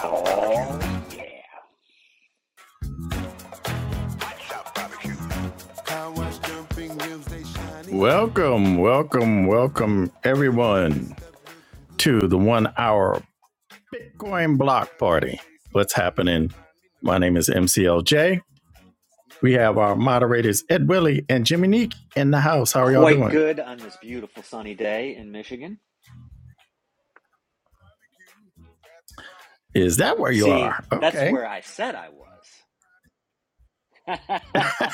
Oh, yeah. Welcome, welcome, welcome, everyone, to the one hour Bitcoin block party. What's happening? My name is MCLJ. We have our moderators, Ed Willie and Jimmy Neek, in the house. How are y'all Quite doing? good on this beautiful sunny day in Michigan. Is that where you See, are? that's Okay. where I said I was.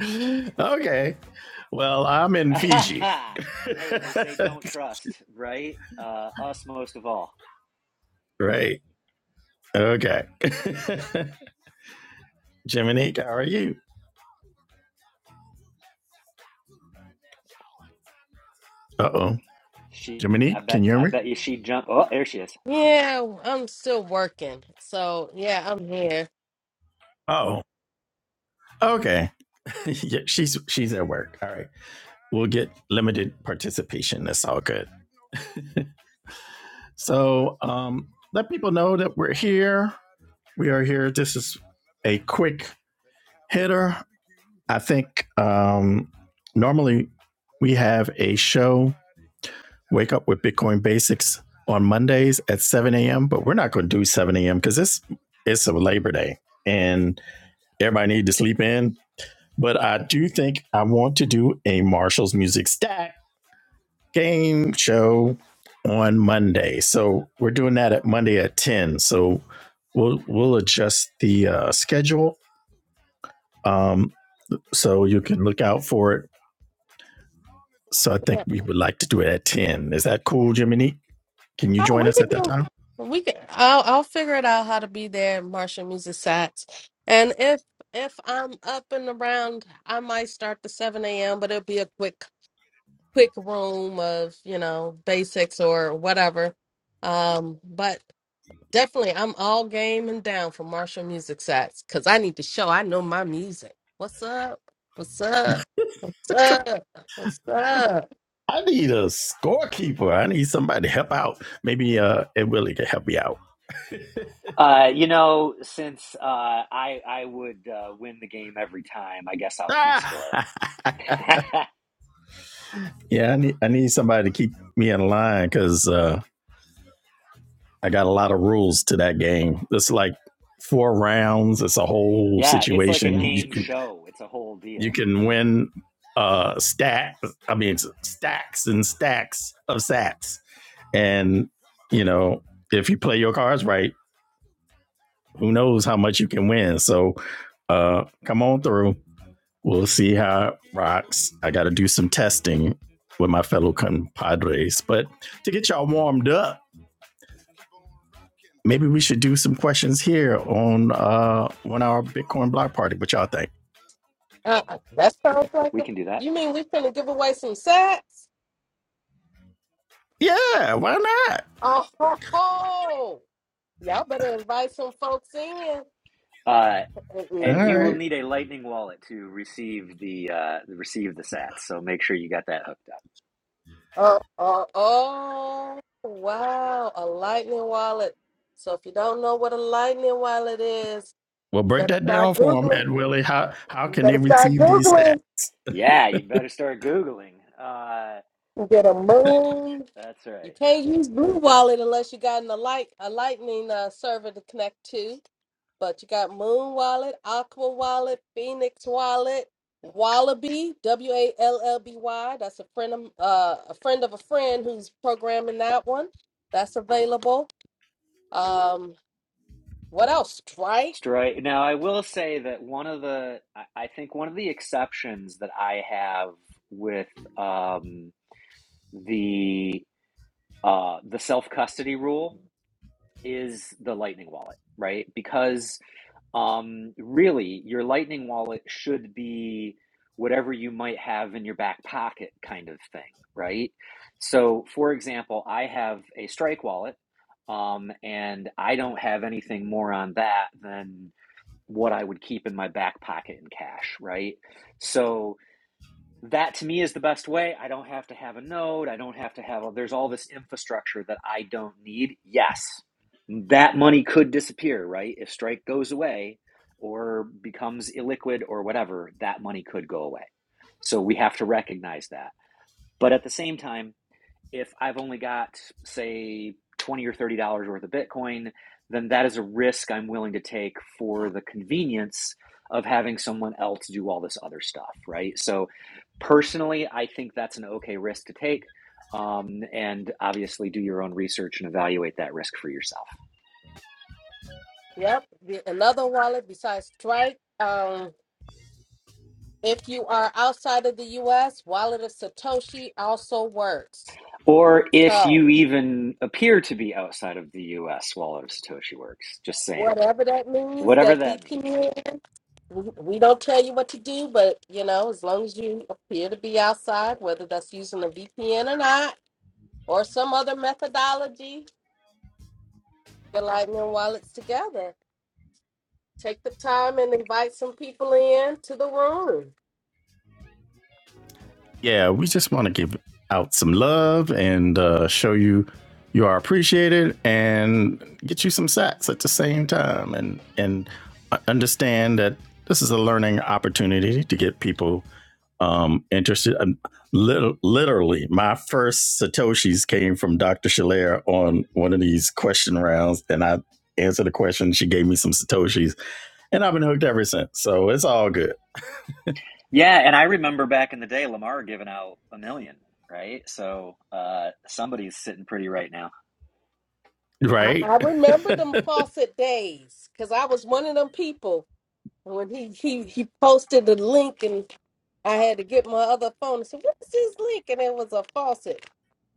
okay. Well, I'm in Fiji. hey, they say don't trust, right? Uh, us most of all. Great. Okay. Jimmy Neek, how are you? Uh oh. She, Jimmy I Neek, can you bet, hear I me? bet you she jumped. Oh, there she is. Yeah, I'm still working. So yeah, I'm here. Oh. Okay. yeah, she's she's at work. All right. We'll get limited participation. That's all good. So um let people know that we're here. We are here. This is a quick hitter. I think um normally we have a show, Wake Up with Bitcoin Basics on Mondays at 7 a.m., but we're not gonna do 7 a.m. because it's it's a Labor Day and everybody needs to sleep in. But I do think I want to do a Marshall's music stack game show on Monday. So we're doing that at Monday at 10. So we'll we'll adjust the uh, schedule. Um, so you can look out for it. So I think Yeah. we would like to do it at 10. Is that cool, Jiminy? Can you Oh, join we us could at that do. time? We could. I'll I'll figure it out how to be there. at Martian Music Sats, and if if I'm up and around, I might start the seven a.m. But it'll be a quick quick room of you know basics or whatever. Um, but definitely, I'm all game and down for Martial Music Sats because I need to show I know my music. What's up? What's up? What's up? What's up? I need a scorekeeper. I need somebody to help out. Maybe uh, Ed Willie can help me out. Uh, you know, since uh, I I would uh, win the game every time, I guess I'll keep score. Ah! yeah, I need I need somebody to keep me in line because uh, I got a lot of rules to that game. It's like four rounds. It's a whole yeah, it's like a situation. Yeah. You game can show. It's a whole you deal. can win uh, stack. I mean stacks and stacks of sats. And you know if you play your cards right, who knows how much you can win. So uh, come on through. We'll see how it rocks. I got to do some testing with my fellow compadres. But to get y'all warmed up, maybe we should do some questions here on uh, one hour Bitcoin block party. What y'all think? Uh, that sounds like We a. can do that. You mean we finna give away some sets? Yeah, why not? Oh ho ho! Y'all better invite some folks in. Uh, And Mm-mm. All you will right. need a Lightning wallet to receive the uh, receive the sats. So make sure you got that hooked up. Uh, uh, oh wow! A lightning wallet. So if you don't know what a lightning wallet is, Well, you break better that start down for them, googling. And Willie. How how You can they better start receive these googling. Yeah, you better start googling. Uh, You get a moon. that's You right. can't use Blue Wallet unless you got an, a light a Lightning uh, server to connect to. But you got Moon Wallet, Aqua Wallet, Phoenix Wallet, Wallaby W A L L B Y. That's a friend of uh, a friend of a friend who's programming that one. That's available. Um, what else? Strike. Stri- now I will say that one of the I I think one of the exceptions that I have with um, the uh, the self custody rule is the Lightning wallet, right? Because Um, really, your Lightning wallet should be whatever you might have in your back pocket kind of thing, right? So, for example, I have a Strike wallet, um, and I don't have anything more on that than what I would keep in my back pocket in cash, right? So, that to me is the best way. I don't have to have a node. I don't have to have a, there's all this infrastructure that I don't need. Yes, that money could disappear, right? If Strike goes away or becomes illiquid or whatever, that money could go away. So we have to recognize that. But at the same time, if I've only got, say, 20 or $30 worth of Bitcoin, then that is a risk I'm willing to take for the convenience of having someone else do all this other stuff, right? So, personally, I think that's an okay risk to take. Um, and obviously, do your own research and evaluate that risk for yourself. Yep, the- another wallet besides Strike. Um, if you are outside of the U.S., Wallet of Satoshi also works. Or if So. you even appear to be outside of the US while of Satoshi Works, just saying, whatever that means, whatever that that means. VPN. We we don't tell you what to do, but you know, as long as you appear to be outside, whether that's using a VPN or not, or some other methodology, get Lightning Wallets together. Take the time and invite some people in to the room. yeah, we just want to give out some love and uh, show you you are appreciated and get you some sacks at the same time and and understand that this is a learning opportunity to get people um, interested. Um, lit- literally, my first satoshis came from Dr. Shalair on one of these question rounds, and I answered a question. She gave me some satoshis, and I've been hooked ever since. So it's all good, Yeah, and I remember back in the day, Lamar giving out a million, right? So uh, somebody's sitting pretty right now, I, right? I remember them faucet days because I was one of them people when he, he he posted the link and I had to get my other phone and said, What is this link? And it was a faucet.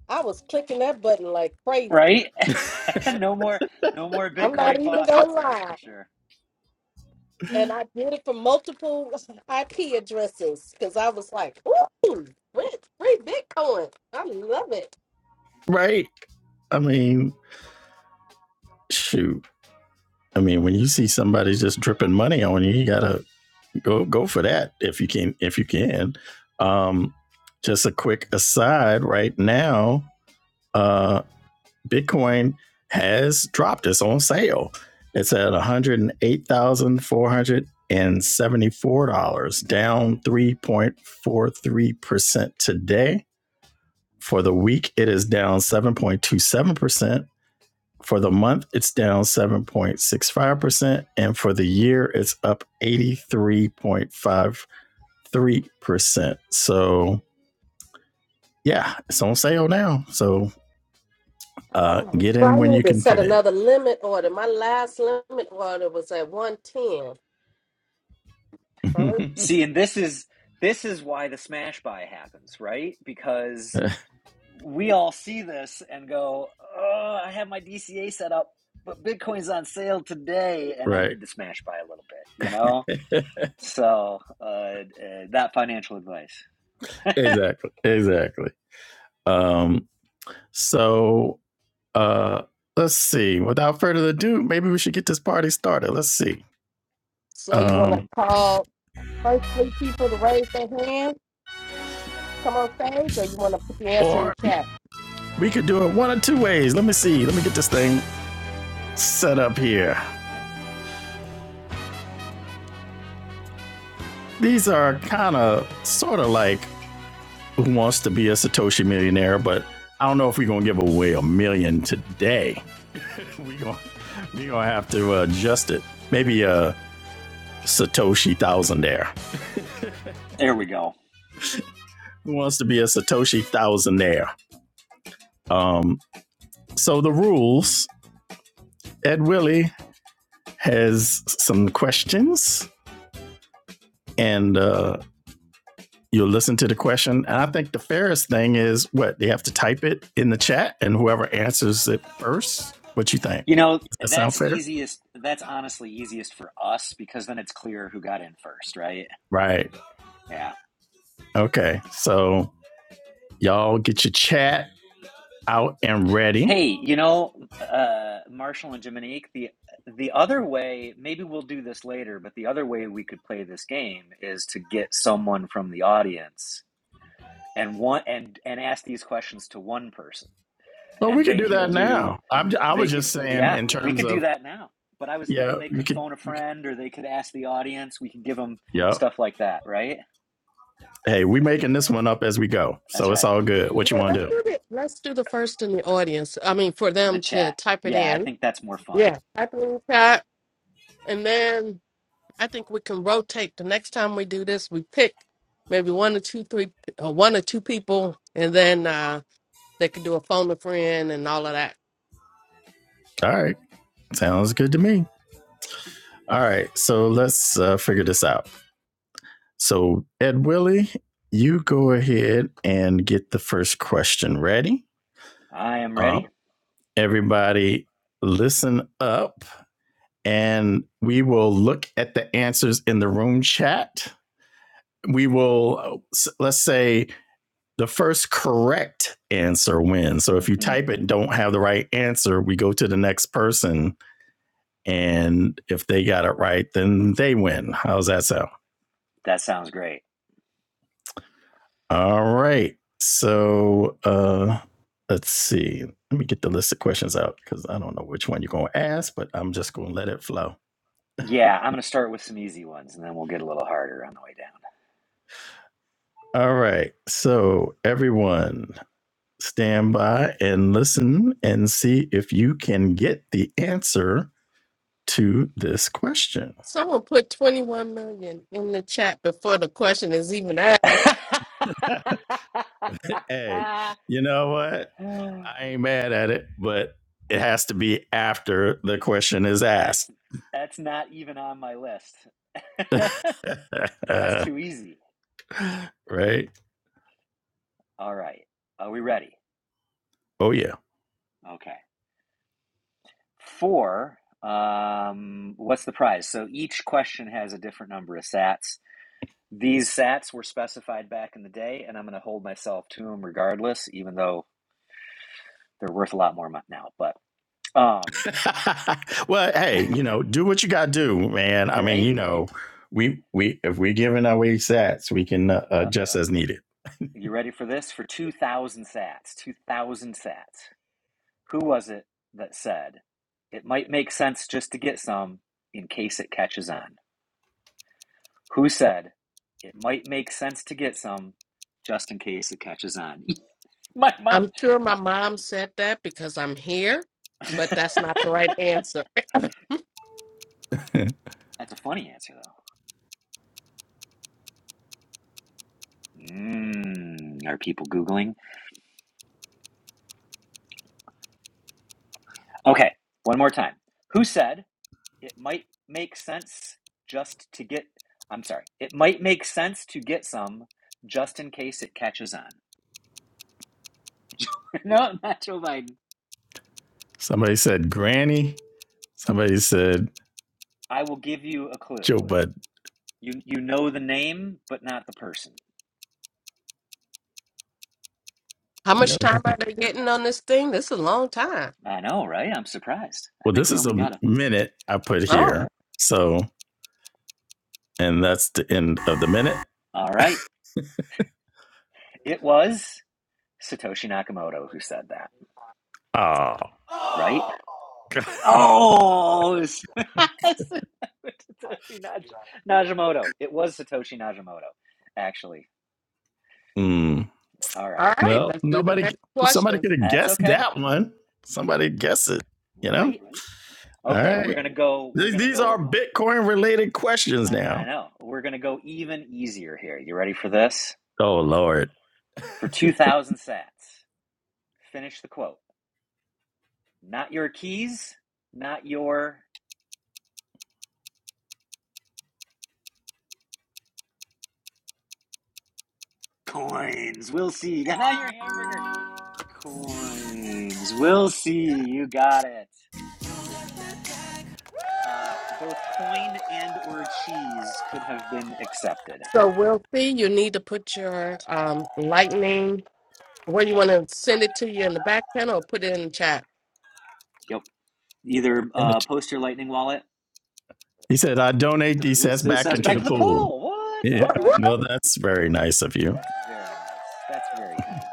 I was clicking that button like crazy. right? I- no more, no more I'm not Bitcoin even gonna faucets, that's for lie. sure. And I did it for multiple IP addresses because I was like, ooh, free, free Bitcoin. I love it. Right? I mean, shoot. I mean, when you see somebody just dripping money on you, you gotta go go for that if you can if you can. Um, just a quick aside right now, uh, Bitcoin has dropped. It's on sale. It's at one hundred and eight thousand four hundred and seventy four dollars, down three point four three percent today. For the week, it is down seven point two seven percent For the month, it's down 7.65%. And for the year, it's up 83.53%. So, yeah, it's on sale now. So, uh, Wow. get So in I when you need to can set fit another limit order. My last limit order was at 110. Alright. in. See, and this is this is why the smash buy happens, right? Because we all see this and go, "Oh, I have my DCA set up, but Bitcoin's on sale today, and I right. need to smash buy a little bit," you know. So uh, uh, that financial advice. exactly. Exactly. Um, so, uh, let's see. Without further ado, maybe we should get this party started. Let's see. So you want to Um, call first three people to raise their hand, come on stage, or you want to put the answer in or the chat? we could do it one of two ways. Let me see. Let me get this thing set up here. these are kind of sort of like who wants to be a Satoshi millionaire, but I don't know if we're gonna give away a million today. we going we gonna to have to uh, adjust it. Maybe a Satoshi thousandaire. there we go. Who wants to be a Satoshi thousandaire? Um, so the rules. Ed Willie has some questions, and uh, you'll listen to the question. And I think the fairest thing is what they have to type it in the chat, and whoever answers it first. What you think? You know, That sound that's fair? easiest. That's honestly easiest for us because then it's clear who got in first, right? Right. Yeah. Okay. So y'all get your chat out and ready. Hey, you know, uh, Marshall and Dominique, the the other way, maybe we'll do this later, but the other way we could play this game is to get someone from the audience and one and and ask these questions to one person, Well, we and could they do can that do, now. I'm, I they was could, just saying yeah, in we terms could do of that now. But I was yeah, thinking they you could could. phone a We could friend or they could ask the audience. We could give them Yep. stuff like that, right? Hey, we making this one up as we go. That's So it's right. all good. What you Yeah, want let's to do? do it. Let's do the first in the audience. I mean, for The them to chat. type it Yeah, I in think that's more fun. Yeah. Type it in the chat. And then I think we can rotate. The next time we do this, we pick maybe one or two, three, or one or two people, and then uh, they could do a phone a friend and all of that. All right. Sounds good to me. All right. So let's uh, figure this out. So Ed Willie, you go ahead and get the first question ready. I am Uh, ready. everybody listen up and we will look at the answers in the room chat. We will, uh, let's say, the first correct answer wins. So if you hmm type it and don't have the right answer, we go to the next person. And if they got it right, then they win. How's that sound? That sounds great. All right. So uh, let's see. Let me get the list of questions out because I don't know which one you're going to ask, but I'm just going to let it flow. Yeah, I'm going to start with some easy ones and then we'll get a little harder on the way down. All right. So, everyone, Stand by and listen and see if you can get the answer to this question. Someone put 21 million in the chat before the question is even asked. hey, you know what? I ain't mad at it, but it has to be after the question is that's asked. that's not even on my list. that's uh, too easy. right? All right. Are we ready? Oh, yeah. Okay. Four. Um, what's the prize? So each question has a different number of sats. These sats were specified back in the day, and I'm going to hold myself to them regardless, even though they're worth a lot more mo- now. But um, well, hey, you know, do what you got to do, man. I you mean, right? you know, we we if we're giving away sats, we can uh, Yep. adjust as needed. You ready for this? For 2,000 sats, 2,000 sats. Who was it that said it might make sense just to get some in case it catches on? Who said it might make sense to get some just in case it catches on? My mom. I'm sure my mom said that because I'm here, but that's not the right answer. That's a funny answer, though. Mm, are people Googling? Okay, one more time. Who said it might make sense just to get, I'm sorry, it might make sense to get some just in case it catches on? No, not Joe Biden. Somebody said granny. Somebody said I will give you a clue. Joe Bud. You, you know the name, but not the person. How You know, much time are they getting on this thing? This is a long time. I know, right? I'm surprised. I well, think this we is only a got a minute I put Oh, here. So, and that's the end of the minute. All right. It was Satoshi Nakamoto who said that, Oh, right? Oh, it's- Satoshi Naj- all Najimoto. It was Satoshi Najimoto, actually. Hmm. All right, right. Well, Let's do the nobody, next question. somebody could have that's guessed okay, that one. Somebody guess it, you know? right? All Okay, we're right. gonna go. We're These, gonna these go. are Bitcoin related questions I, I now. know. We're gonna go even easier here. You ready for this? Oh, Lord. For two thousand sats, finish the quote. Not your keys, not your coins. We'll see. Not your hamburger. Coins. We'll see. You got it. Uh, both coin and or cheese could have been accepted. So we'll see. You need to put your um lightning where you want to send it to you in the back channel or put it in the chat. Yep. Either And uh, it, post your lightning wallet. he said, I donate these sets back Says into back the to the pool. pool. What? Yeah. All right. Well, that's very nice of you. That's very nice. That's very kind.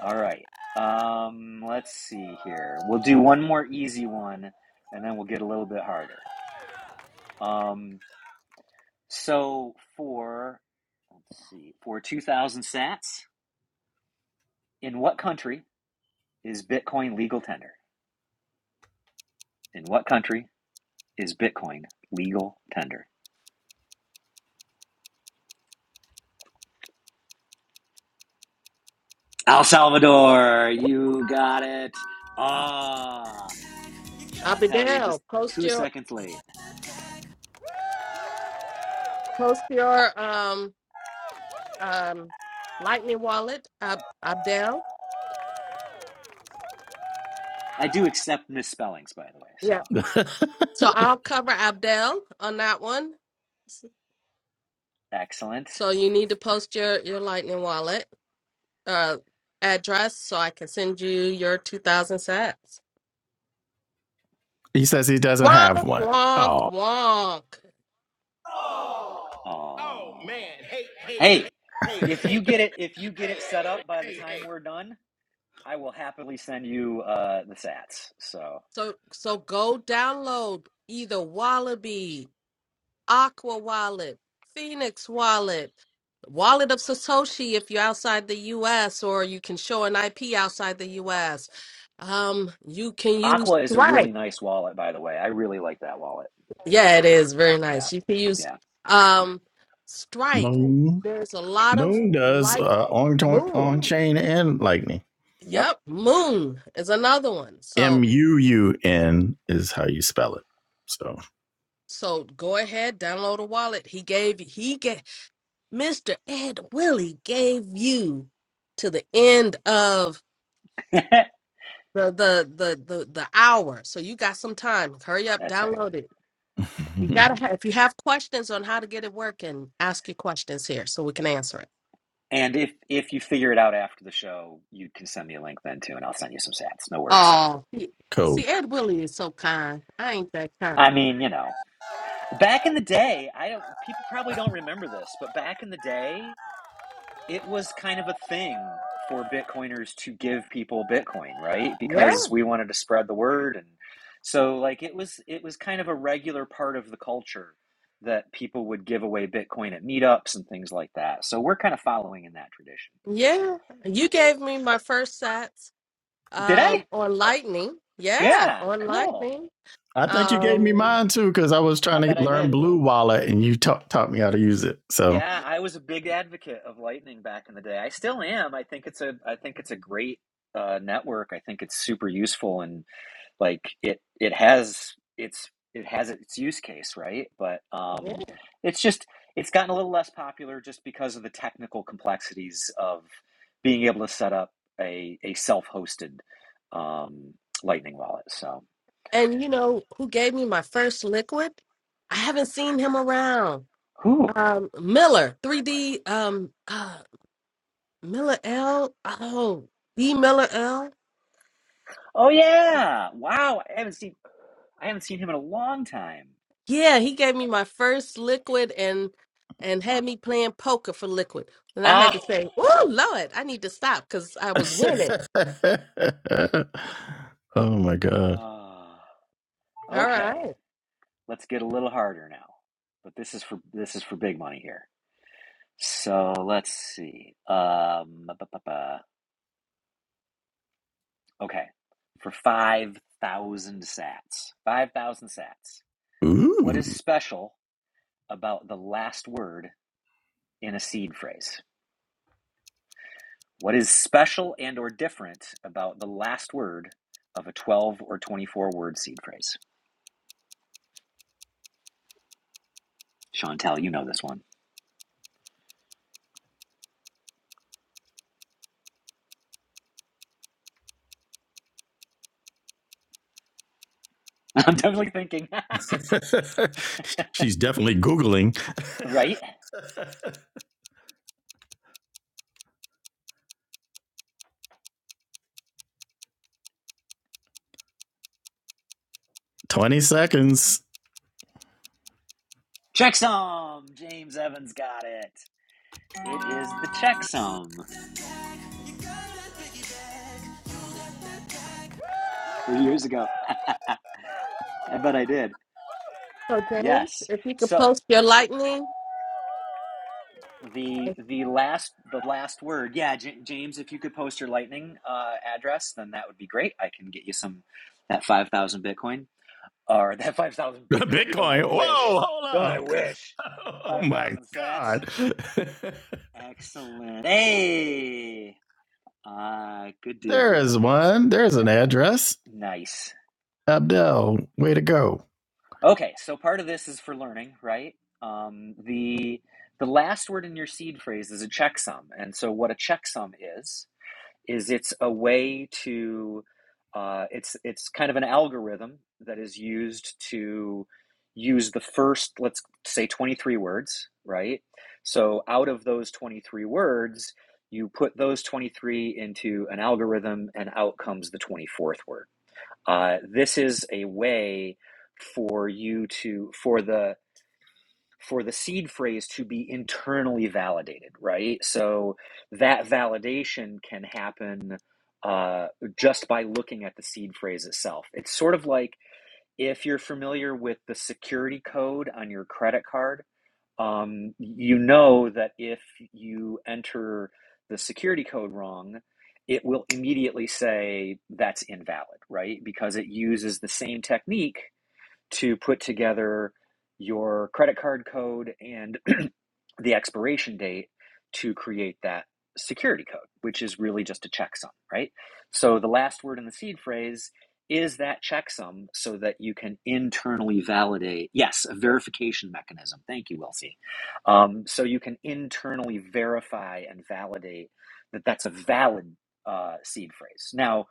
All right. Um, let's see here. We'll do one more easy one, and then we'll get a little bit harder. Um, so for let's see, for two thousand sats, in what country is Bitcoin legal tender? In what country Is Bitcoin legal tender? El Salvador, you got it. Ah, Chantel, you're Abidel, just post two your seconds late. post your um um lightning wallet, Ab- Abdel. I do accept misspellings, by the way. Yeah. So So I'll cover Abdel on that one. excellent. So you need to post your your lightning wallet uh address so I can send you your two thousand sets. he says he doesn't have Wonk one. wonk Oh, wonk. Oh, hey, if you get it, if you get it set up by the time we're done, I will happily send you uh, the Sats. So So so go download either Wallaby, Aqua Wallet, Phoenix Wallet, Wallet of Satoshi if you're outside the US or you can show an IP outside the US. Um you can use Aqua is a Strike. really nice wallet, by the way. I really like that wallet. Yeah, it is very Yeah, nice. You can use yeah, um Strike. Moon. There's a lot of Moon does like uh, on Moon. on chain and lightning. yep. Yep, Moon is another one. M So U U N is how you spell it. So so go ahead, download a wallet. He gave he gave. Mr. Ed Willie gave you to the end of the the the the, the hour, so you got some time. Hurry up, That's right. download it. You gotta have, if you have questions on how to get it working, ask your questions here so we can answer it. And if if you figure it out after the show, you can send me a link then too, and I'll send you some stats. No worries. Oh, he- cool. see, Ed Willie is so kind. I ain't that kind. I mean, you know, back in the day, I don't. People probably don't remember this, but back in the day, it was kind of a thing for Bitcoiners to give people Bitcoin, right? Yeah, Because we wanted to spread the word, and so like it was it was kind of a regular part of the culture that people would give away Bitcoin at meetups and things like that. So we're kind of following in that tradition. yeah. You gave me my first sets Did I? um, on Lightning. Yeah, Yeah, on cool. Lightning. I think you gave me Um, mine too because I was I trying to bet I learn did. Blue Wallet and you ta- taught me how to use it. So, Yeah, I was a big advocate of Lightning back in the day. I still am. I think it's a I think it's a great uh, network. I think it's super useful and like it it has its it has its use case, right? But yeah. um, it's just it's gotten a little less popular just because of the technical complexities of being able to set up a a self-hosted um, Lightning wallet. So, And you know who gave me my first liquid? I haven't seen him around. whew. Um, Miller, 3D, um, uh, Miller L. Oh, D Miller L. Oh yeah. Wow, I haven't seen I haven't seen him in a long time. Yeah, he gave me my first liquid and and had me playing poker for liquid. And I had Ah. to say, "Oh Lord, I need to stop because I was winning." oh my god. Ah, All okay. right. Let's get a little harder now. But this is for this is for big money here. So let's see. Um, okay, for five thousand sats. Five thousand sats. What is Ooh. special about the last word in a seed phrase? What is special and or different about the last word of a twelve or twenty-four word seed phrase? Chantel, you know this one. I'm definitely thinking, She's definitely Googling right? 20 seconds. Checksum! James Evans got it. It is the checksum. years ago. I bet I did. So James, Yes. if you could So post your lightning, the if- the last the last word. Yeah, J- James, if you could post your lightning uh, address, then that would be great. I can get you some that five thousand Bitcoin or that five thousand Bitcoin. Don't I Bitcoin. wish? Whoa, hold Don't I up. wish? Oh Five my thousand sats. God. Excellent. Hey. Uh, good deal. There is one. There's N- an address. Nice. Abdel, way to go. Okay, so part of this is for learning, right? Um, the the last word in your seed phrase is a checksum, and so what a checksum is is it's a way to uh, it's it's kind of an algorithm that is used to use the first let's say 23 words right so out of those 23 words you put those 23 into an algorithm and out comes the 24th word uh, this is a way for you to for the for the seed phrase to be internally validated, right? So that validation can happen uh, just by looking at the seed phrase itself. It's sort of like if you're familiar with the security code on your credit card um, you know that if you enter the security code wrong, it will immediately say that's invalid, right? Because it uses the same technique to put together your credit card code and the expiration date to create that security code, which is really just a checksum, right? So the last word in the seed phrase is that checksum so that you can internally validate, yes, a verification mechanism. Thank you, Wilsey. Um, so you can internally verify and validate that that's a valid uh, seed phrase. Now,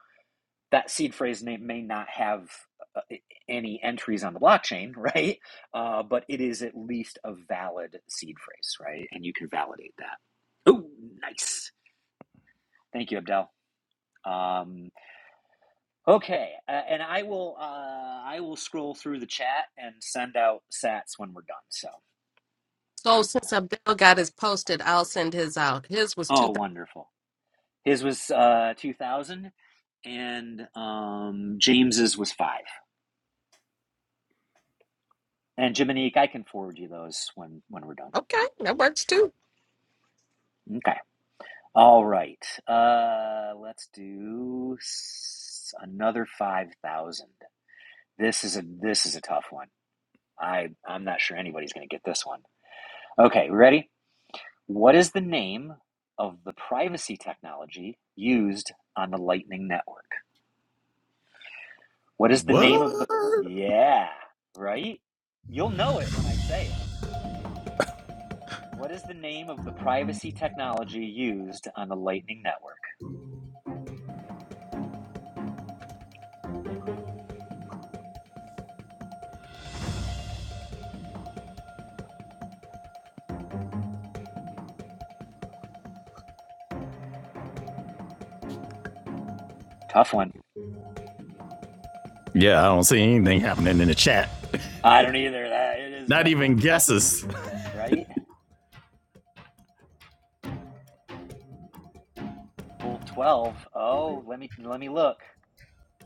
that seed phrase may, may not have uh, any entries on the blockchain, right? Uh, but it is at least a valid seed phrase, right? And you can validate that. Oh, nice. Thank you, Abdel. Um, okay, uh, and I will uh, I will scroll through the chat and send out sats when we're done. So, so since Abdel got his posted, I'll send his out. His was oh, two thousand. wonderful. His was uh, two thousand, and um, James's was five. And Jiminique, I can forward you those when when we're done. Okay, that works too. Okay. All right. Uh, let's do s- another 5,000. This is a this is a tough one. I I'm not sure anybody's going to get this one. Okay, ready? What is the name of the privacy technology used on the Lightning Network? What is the name of What? the Yeah, right? You'll know it when I say it. What is the name of the privacy technology used on the Lightning Network? Tough one. Yeah, I don't see anything happening in the chat. I don't either. That it is a Not tough even one. Oh, guesses. right? Bolt 12. Oh, let me let me look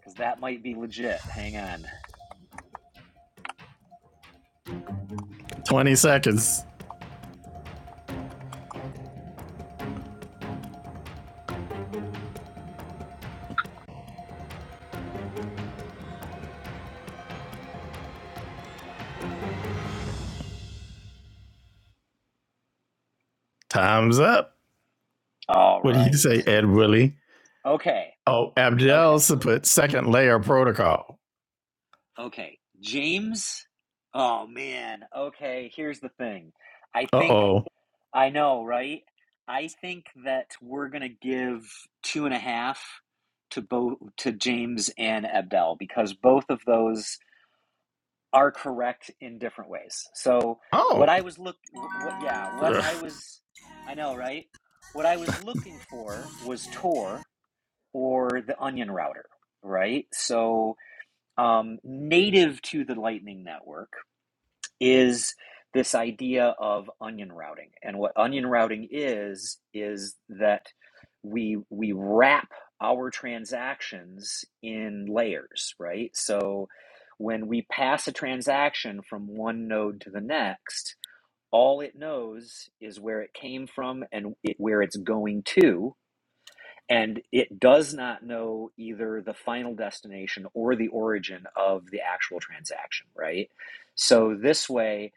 cuz that might be legit. Hang on. 20 seconds. Time's up. All What do you right. say, Ed Willie? Okay. Oh, Abdel Okay. s- put second layer protocol. Okay. James? Oh man. Okay, here's the thing. I Uh think oh. I know, right? I think that we're gonna give two and a half to both to James and Abdel because both of those are correct in different ways. So what Oh, I was look what yeah, what I was I know, right? What I was looking for was Tor or the onion router, right? So um native to the lightning network is this idea of onion routing. And what onion routing is is that we we wrap our transactions in layers, right? So when we pass a transaction from one node to the next, all it knows is where it came from and it, where it's going to, and it does not know either the final destination or the origin of the actual transaction, right? So this way,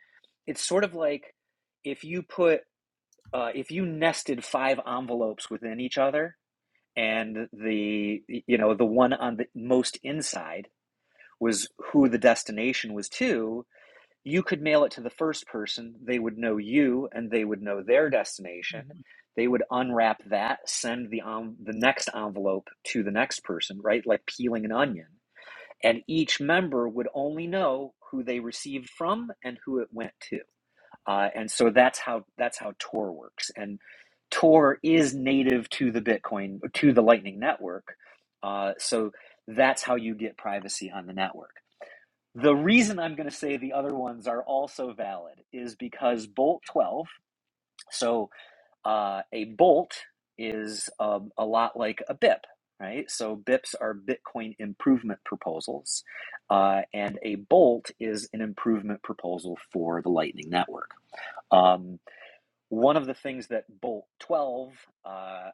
it's sort of like if you put uh, if you nested five envelopes within each other, and the you know the one on the most inside was who the destination was to, you could mail it to the first person. They would know you and they would know their destination. They would unwrap that, send the, um, the next envelope to the next person, right? Like peeling an onion. And each member would only know who they received from and who it went to. Uh, and so that's how that's how Tor works. And Tor is native to the Bitcoin to the Lightning Network. Uh, so that's how you get privacy on the network. The reason I'm going to say the other ones are also valid is because bolt 12, so uh, a bolt is um, a lot like a BIP, right? So BIPs are Bitcoin improvement proposals, uh, and a bolt is an improvement proposal for the Lightning Network. Um, one of the things that bolt 12 uh, uh,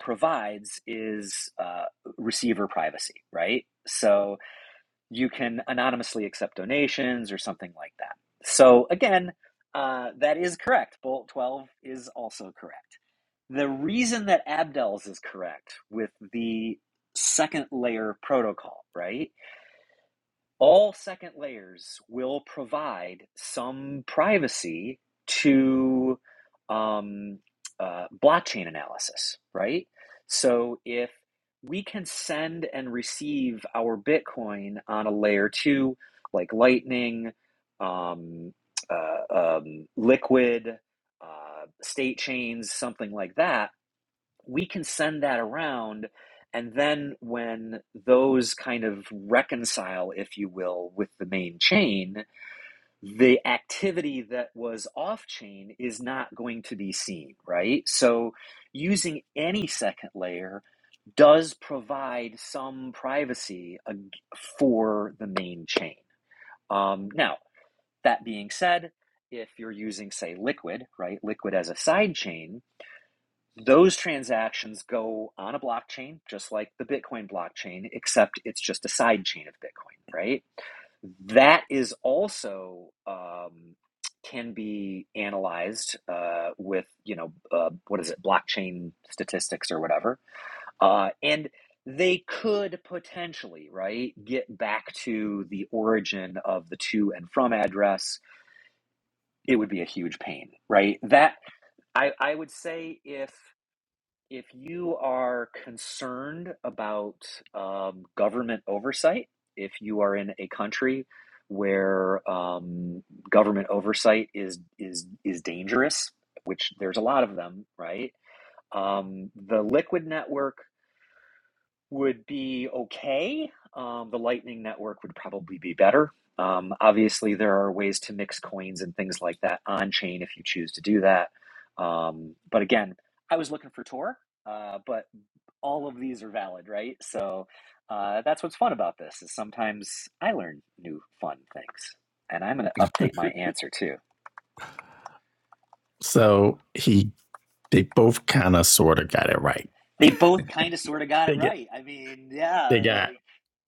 provides is uh, receiver privacy, right? So you can anonymously accept donations or something like that. So again, uh, that is correct. Bullet 12 is also correct. The reason that Abdel's is correct with the second layer protocol, right, all second layers will provide some privacy to um, uh, blockchain analysis, right? So if we can send and receive our Bitcoin on a layer two, like Lightning, um, uh, um, Liquid, uh, state chains, something like that we can send that around and then when those kind of reconcile if you will with the main chain the activity that was off chain is not going to be seen right so using any second layer does provide some privacy uh, for the main chain um, now that being said if you're using say liquid right liquid as a side chain those transactions go on a blockchain, just like the Bitcoin blockchain, except it's just a side chain of Bitcoin, right? That is also um, can be analyzed uh, with, you know, uh, what is it, blockchain statistics or whatever. Uh, and they could potentially, right, get back to the origin of the to and from address. It would be a huge pain, right? That I, I would say if if you are concerned about um, government oversight, if you are in a country where um, government oversight is is is dangerous, which there's a lot of them, right? Um, the Liquid Network would be okay. Um, the Lightning Network would probably be better. Um, obviously, there are ways to mix coins and things like that on chain if you choose to do that. Um, but again, I was looking for Tor. Uh, but all of these are valid, right? So uh, that's what's fun about this is sometimes I learn new fun things, and I'm going to update my answer too. So he, they both kind of sort of got it right. They both kind of sort of got it They get, right. I mean, they yeah, got, like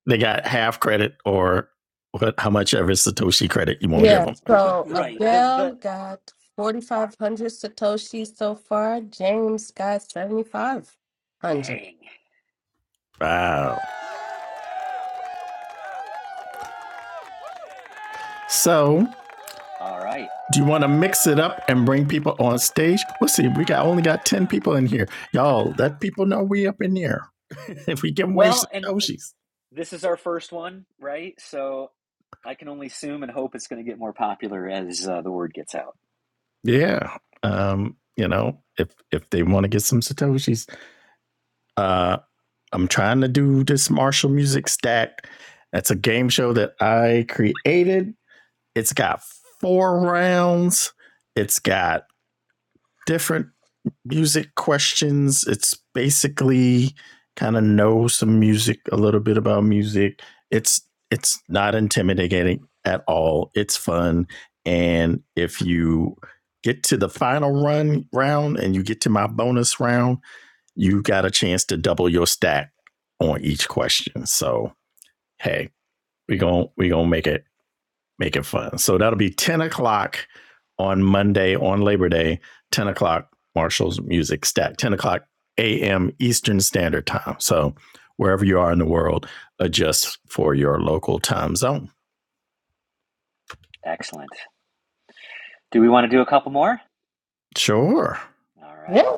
they got half credit or what? How much ever Satoshi credit you want to give Yeah, them? so right. The Abdel the got 4,500 Satoshis so far. James got 7,500. dang. Wow. So, All right. do you want to mix it up and bring people on stage? Let's see. We got only got ten people in here, y'all. Let people know we up in here. if we give away Well, and Satoshis, this is our first one, right? So I can only assume and hope it's going to get more popular as uh, the word gets out. Yeah. Um, you know, if if they want to get some satoshis, uh, I'm trying to do this Marshall Music Stack. That's a game show that I created. It's got four rounds. It's got different music questions. It's basically kind of know some music, a little bit about music. It's it's not intimidating at all. It's fun, and if you get to the final run round and you get to my bonus round, you got a chance to double your stack on each question. So hey, we gonna we gonna make it make it fun. So that'll be 10 o'clock on Monday, on Labor Day, 10 o'clock Marshall's Music Stack, 10 o'clock a.m. Eastern Standard Time. So wherever you are in the world, adjust for your local time zone. Excellent. Do we want to do a couple more? Sure. All right. Yeah.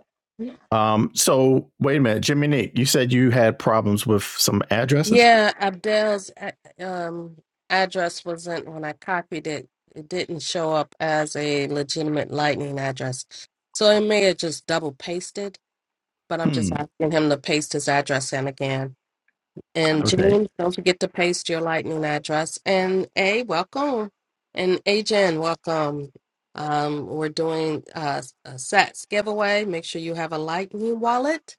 Um, so wait a minute, Jimmy Nick, you said you had problems with some addresses? Yeah, Abdel's a- um, address wasn't, when I copied it, it didn't show up as a legitimate Lightning address. So it may have just double pasted, but I'm just Hmm. asking him to paste his address in again. I'm And gonna. Okay. James, don't forget to paste your lightning address. And A, welcome. And Ajen, welcome. Um, we're doing uh, a sets giveaway. Make sure you have a lightning wallet,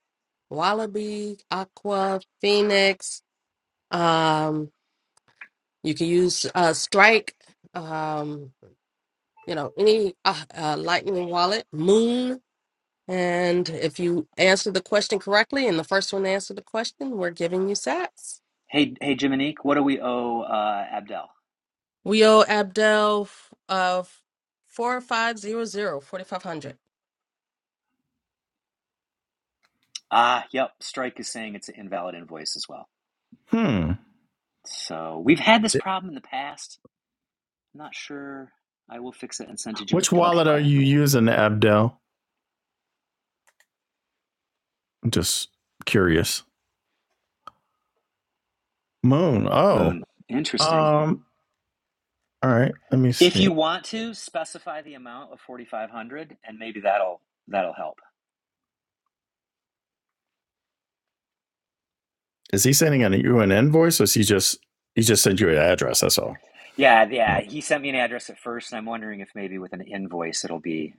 Wallaby, Aqua, Phoenix. Um, you can use uh, Strike, um, you know, any uh, uh, lightning wallet, Moon. And if you answer the question correctly and the first one to answer the question, we're giving you sets. Hey, hey, Jiminique, what do we owe uh, Abdel? We owe Abdel uh four five zero zero forty five hundred. Ah, yep. Strike is saying it's an invalid invoice as well. Hmm. So we've had this problem in the past. I'm not sure. I will fix it and send to Jim. Which Okay, wallet are cool. you using, Abdel? I'm just curious. Moon. Oh. Moon. Interesting. Um, all right. Let me If see. you want to specify the amount of 4500 and maybe that'll that'll help. Is he sending an, you an invoice or is he just he just sent you an address, that's all. Yeah, yeah, he sent me an address at first and I'm wondering if maybe with an invoice it'll be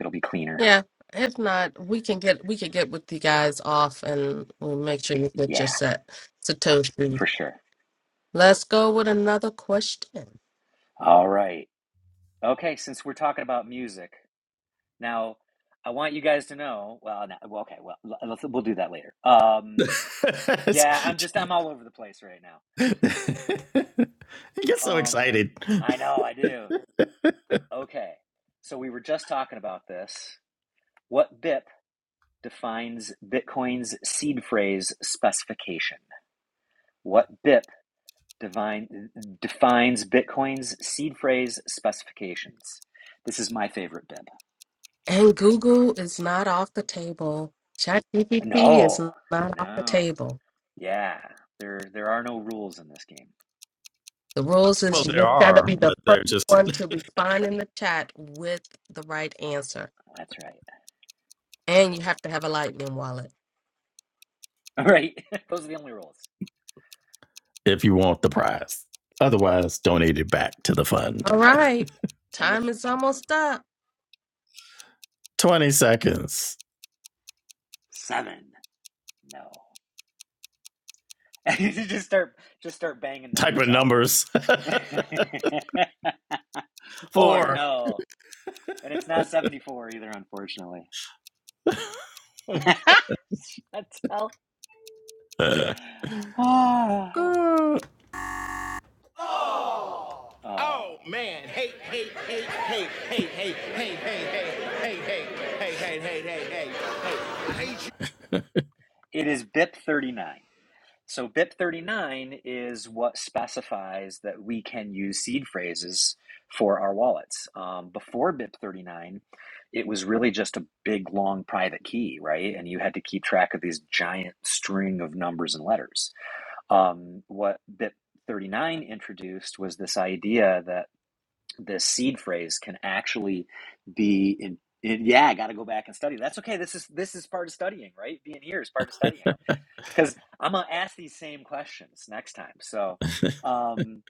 it'll be cleaner. Yeah. If not, we can get we can get with you guys off and we'll make sure you get your Yeah, set. Satoshi. for sure. Let's go with another question. All right. Okay, since we're talking about music, Now, I want you guys to know. Well, no, well, okay, well, let's, we'll do that later. Um, yeah, I'm just you I'm all over the place right now. get so Um, excited. I know I do. Okay, so we were just talking about this. What BIP defines Bitcoin's seed phrase specification? What BIP divine, defines Bitcoin's seed phrase specifications? This is my favorite BIP. And Google is not off the table. ChatGPT is No, not off the no, table. yeah. There, there are no rules in this game. The rules Well, is you there just gotta are, be the but first they're just one to respond in the chat with the right answer. That's right. And you have to have a lightning wallet. All Right. Those are the only rules. if you want the prize. Otherwise, donate it back to the fund. All Yes. right. And the Time f- is almost up. 20 seconds. seven. No. just start just start banging Type numbers in out. numbers. Four. Four. No. And it's not 74 either, unfortunately. That's hell. Uh, Ah. uh, Ah. it is BIP 39. So BIP 39 is what specifies that we can use seed phrases for our wallets. Um, before BIP 39, it was really just a big long private key, right? And you had to keep track of these giant string of numbers and letters. Um, what BIP 39 introduced was this idea that this seed phrase can actually be in, in yeah, I got to go back and study. That's okay. This is this is part of studying, right? Being here is part of studying because I'm gonna ask these same questions next time. So, um,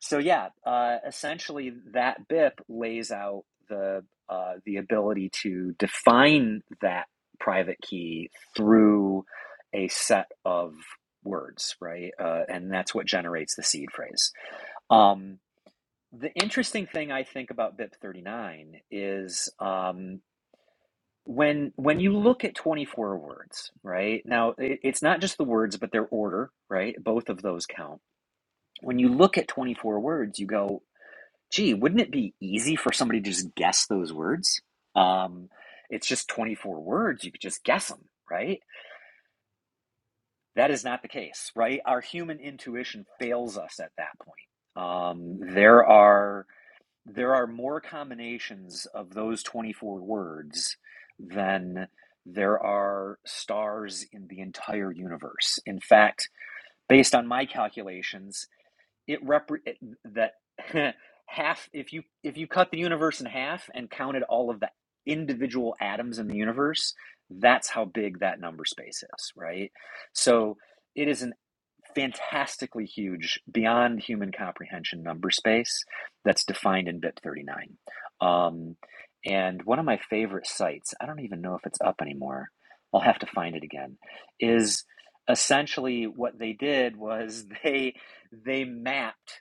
so yeah, uh, essentially that BIP lays out the uh, the ability to define that private key through a set of words, right? Uh, and that's what generates the seed phrase. Um, the interesting thing I think about BIP 39 is um, when when you look at 24 words right now it, it's not just the words but their order right both of those count when you look at 24 words you go gee wouldn't it be easy for somebody to just guess those words um it's just 24 words you could just guess them right that is not the case right our human intuition fails us at that point um there are there are more combinations of those 24 words than there are stars in the entire universe. In fact, based on my calculations, it repre- that half if you if you cut the universe in half and counted all of the individual atoms in the universe that's how big that number space is right so it is an fantastically huge beyond human comprehension number space that's defined in bit 39 um, and one of my favorite sites i don't even know if it's up anymore i'll have to find it again is essentially what they did was they they mapped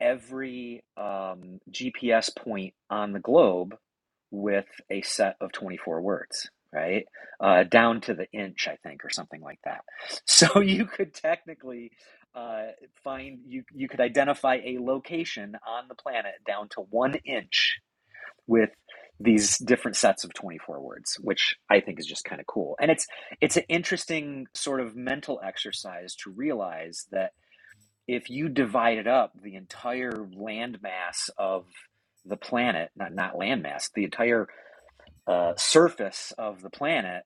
every um, GPS point on the globe with a set of 24 words, right? Uh, down to the inch, I think, or something like that. So you could technically uh, find, you, you could identify a location on the planet down to one inch with these different sets of 24 words which i think is just kind of cool and it's it's an interesting sort of mental exercise to realize that if you divided up the entire landmass of the planet, not not landmass, the entire uh, surface of the planet,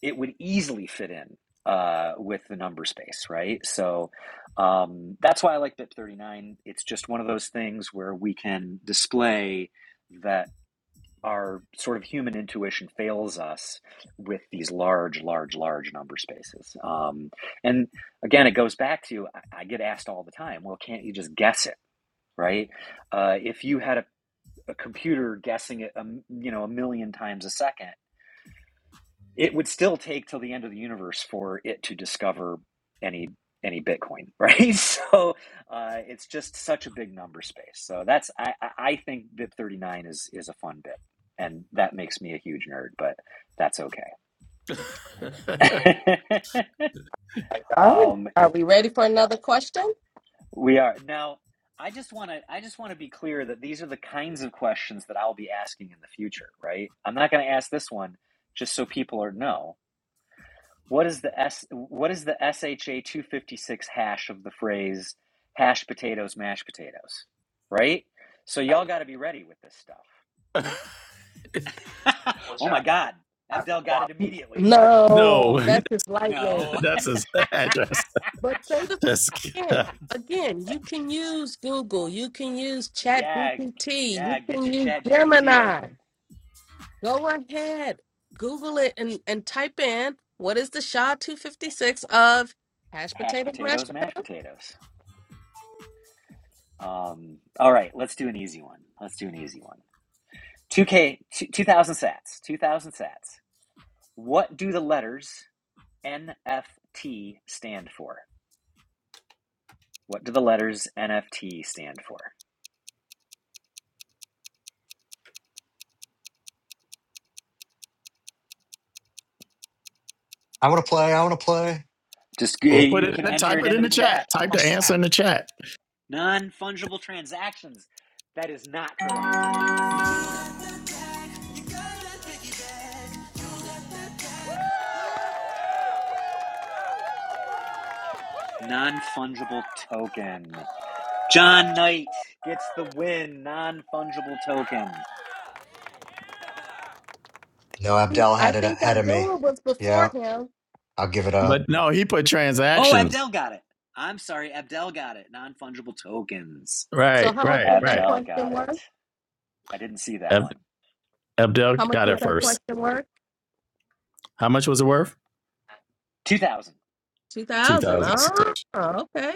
it would easily fit in uh, with the number space, right? So um, that's why I like BIP39. It's just one of those things where we can display that our sort of human intuition fails us with these large, large, large number spaces. Um, and again, it goes back to I, get asked all the time, well, can't you just guess it, right? Uh, if you had a, a computer guessing it, a, m- you know, a million times a second, it would still take till the end of the universe for it to discover any any Bitcoin, right? So uh, it's just such a big number space. So that's I I think BIP thirty nine is is a fun bit, and that makes me a huge nerd, but that's okay. All right. um, Are we ready for another question? we are now. I just want to I just want to be clear that these are the kinds of questions that I'll be asking in the future, right? I'm not going to ask this one just so people are know. What is the S what is the SHA 256 hash of the phrase hash potatoes, mashed potatoes? Right? So y'all gotta be ready with this stuff. oh my god. Abdel got it immediately. What? no, No, that's just lightning. No. that's his address. But say the first Just, again. Again, you can use Google, you can use yeah, ChatGPT, yeah, you get can your use chat GPT Gemini. open. Go ahead, Google it and, and type in what is the SHA 256 of hashed Hash potato mashed potatoes, mashed potatoes. Um, all right, let's do an easy one. Let's do an easy one. 2K, 2000 sats, 2000 sats. What do the letters NFT stand for? What do the letters NFT stand for? I want to play. I want to play. Just yeah, we'll put you it in can the enter type it it into in the the chat. chat. Type Oh, the answer snap. in the chat. Non fungible transactions. That is not correct. Non fungible token. John Knight gets the win. Non fungible token. No, Abdel I had it think ahead of me. Abdullah was before Yeah, him. I'll give it up. But no, he put Oh, transactions. Abdel got it. I'm sorry, Abdel got it. Non fungible tokens. So Right, how much right, was that right. Abdel question got it. worth? I didn't see that Ab- one. Abdel How much got was it that first. question worth? How much was it worth? 2000. Two 2000. thousand. Oh, okay.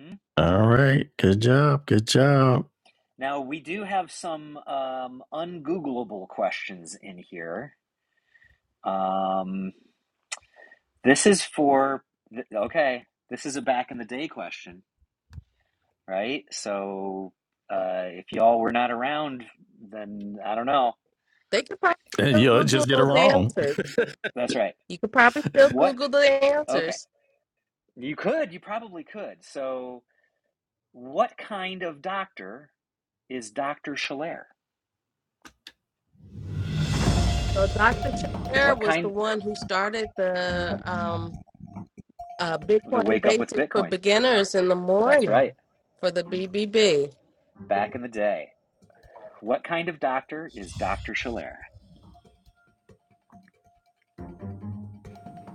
hmm All right. Good job. Good job. Now, we do have some um, ungoogleable questions in here. Um, This is for okay. This is a back in the day question, right? So uh, if y'all were not around, then I don't know. They could probably And still you'll Google just get it those wrong. answers. That's right. You could probably still What? Google the Okay, answers. you could. You probably could. So what kind of doctor is Doctor Schiller? So Dr. Chabert What was the kind? one who started the um, uh, The Bitcoin Wake Up with Basics for Bitcoin. Beginners in the That's right. morning for the BBB. Back in the day. What kind of doctor is Doctor Schiller?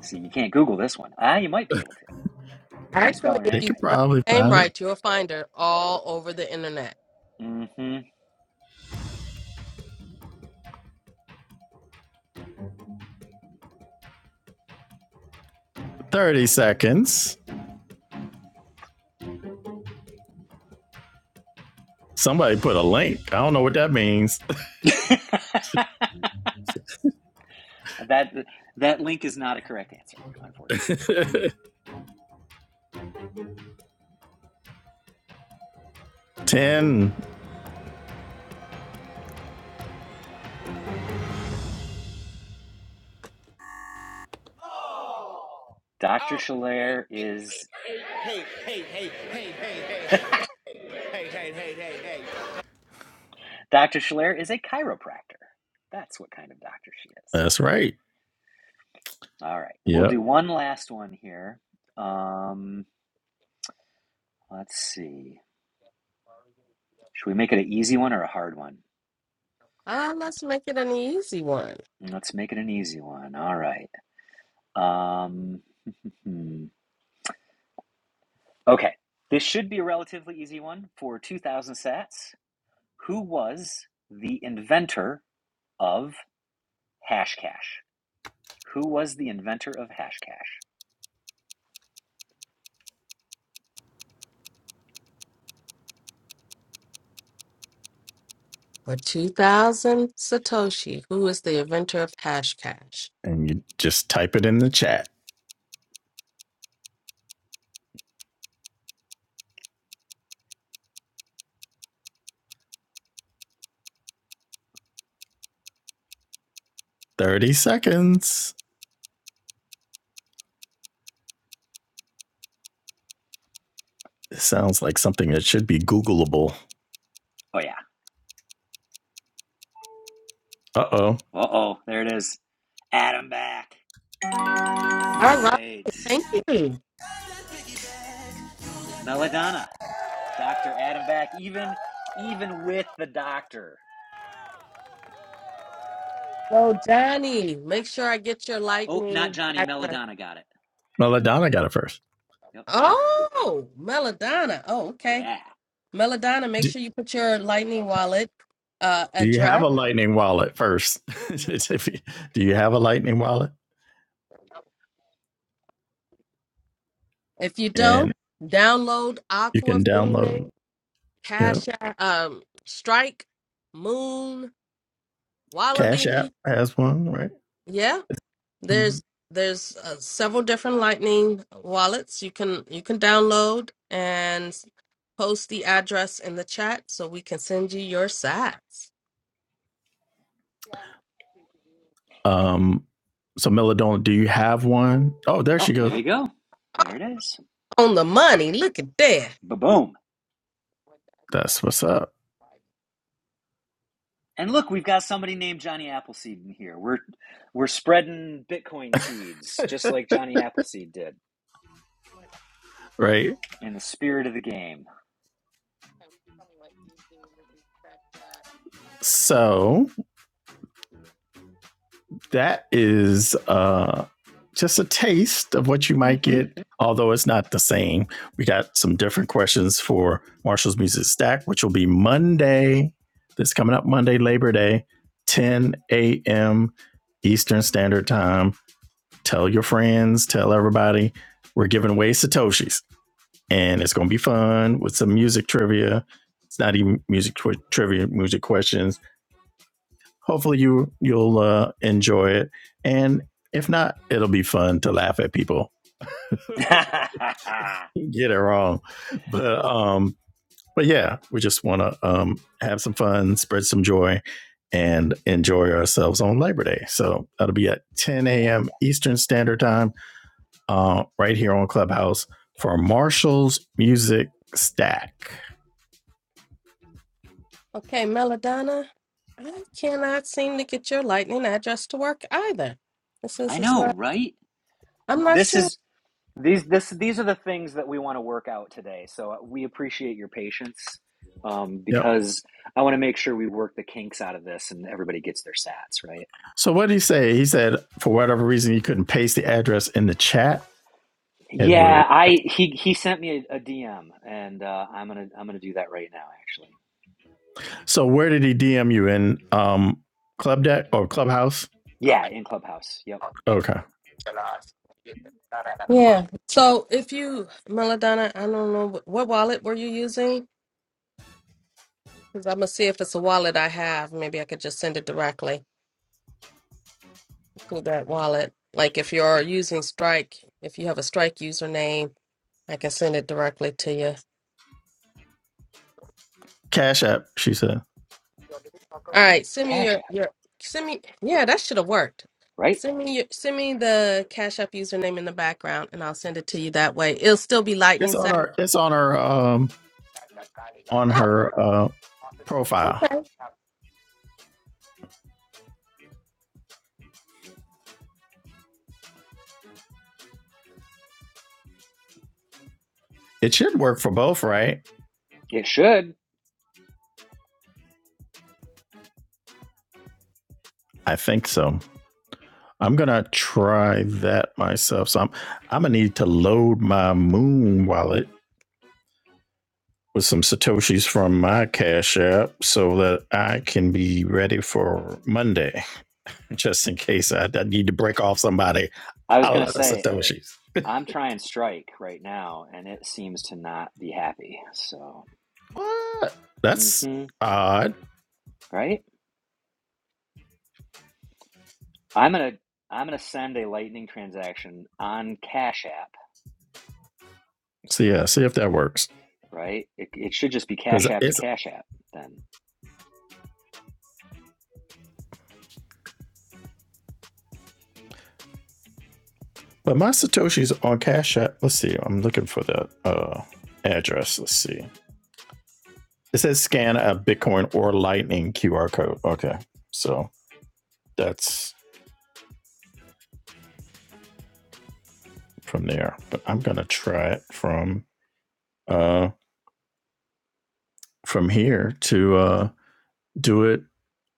See, you can't Google this one. Ah, you might be able to. if You spell Actually, her if They name you could spell probably her name find it. right, you'll find her all over the internet. right. Thirty seconds. Somebody put a link. I don't know what that means. Mm-hmm. That that link is not a correct answer, unfortunately. Ten. Dr. Schiller is Dr. Schiller is a chiropractor. That's what kind of doctor she is. That's right. All right, we'll Yep. do one last one here. Um, let's see. Should we make it an easy one or a hard one? Ah, let's make it an easy one. Let's make it an easy one. All right. Um, hmm. Okay. This should be a relatively easy one for 2000 sats. Who was the inventor of Hashcash? Who was the inventor of Hashcash? for 2000 Satoshi, who is the inventor of Hashcash. And you just type it in the chat. Thirty seconds. It sounds like something that should be Googleable. Oh, yeah. Uh oh. Uh oh, there it is. Adam Back. All All right. right. Thank you. Melodonna. Dr. Adam Back. Even even with the doctor. So, Johnny, make sure I get your Oh, not lightning. Johnny. background. Melodonna got it. Well, Donna got it first. Yep. Oh, Melodonna. Oh, okay. Yeah. Melodonna, Do, make sure you put your lightning wallet uh, Do you have address. a Lightning wallet first? Do you have a Lightning wallet? If you don't, And download you Aqua can Phoenix, download, you know, Cash App, um, Strike, Moon, Cash App Wallaby. has one, right? Yeah, Mhm. There's there's uh, several different Lightning wallets you can you can download and post the address in the chat so we can send you your sats. Um, so Melodona, do you have one? Oh, there Oh, she there goes. you go. There it is. On the money, look at that. Ba boom. That's what's up, And look, we've got somebody named Johnny Appleseed in here. We're we're spreading Bitcoin seeds, just like Johnny Appleseed did, right? in the spirit of the game. So that is uh, just a taste of what you might Mm-hmm. get, although it's not the same. We got some different questions for Marshall's Music Stack, which will be Monday. This coming up Monday, Labor Day, 10 a.m. Eastern Standard Time. Tell your friends, tell everybody. We're giving away Satoshis, and it's going to be fun with some music trivia. It's not even music twi- trivia, music questions hopefully you you'll uh, enjoy it, and if not, it'll be fun to laugh at people get it wrong, but um, but yeah, we just want to um have some fun, spread some joy, and enjoy ourselves on Labor Day. So that'll be at 10 yeah. a.m. Eastern Standard Time, uh, right here on Clubhouse for Marshall's Music Stack. Okay, Melodonna, I cannot seem to get your Lightning address to work either. This I is it's know, not. right? I'm not This sure. is these this these are the things that we want to work out today. So uh, we appreciate your patience um, Yep. because I want to make sure we work the kinks out of this and everybody gets their sats right. So what did he say? He said for whatever reason he couldn't paste the address in the chat. It will Yeah, I he he sent me a, DM and uh, I'm gonna I'm gonna do that right now actually. So where did he DM you in um Club Deck or Clubhouse? Yeah, in Clubhouse. Yep, Okay. Yeah. So if you, Melodonna, I don't know what, what wallet were you using? Because I'm gonna see if it's a wallet I have. Maybe I could just send it directly to that wallet. Like if you're using Strike, if you have a Strike username, I can send it directly to you. Cash app, she said. All right, send me Cash your App. your send me. Yeah, that should have worked. Right? Send me your, send me the Cash App username in the background, and I'll send it to you that way. It'll still be Lightning It's on Side. her it's on her um on Oh, her uh profile. okay. It should work for both, right? It should. I think so. I'm gonna try that myself. So I'm I'm gonna need to load my moon wallet with some satoshis from my cash app so that I can be ready for Monday, just in case I, I need to break off somebody. I was I'll gonna let a say satoshi. I'm trying Strike right now and it seems to not be happy. So, What? That's hmm odd. right? I'm gonna I'm gonna send a Lightning transaction on Cash App, So yeah, see if that works. right? It, it should just be Because Cash App to it's Cash App then. but my Satoshi's on Cash App. Let's see. I'm looking for the uh address. Let's see. It says scan a Bitcoin or Lightning QR code. Okay. So that's from there. But I'm gonna try it from uh from here to uh do it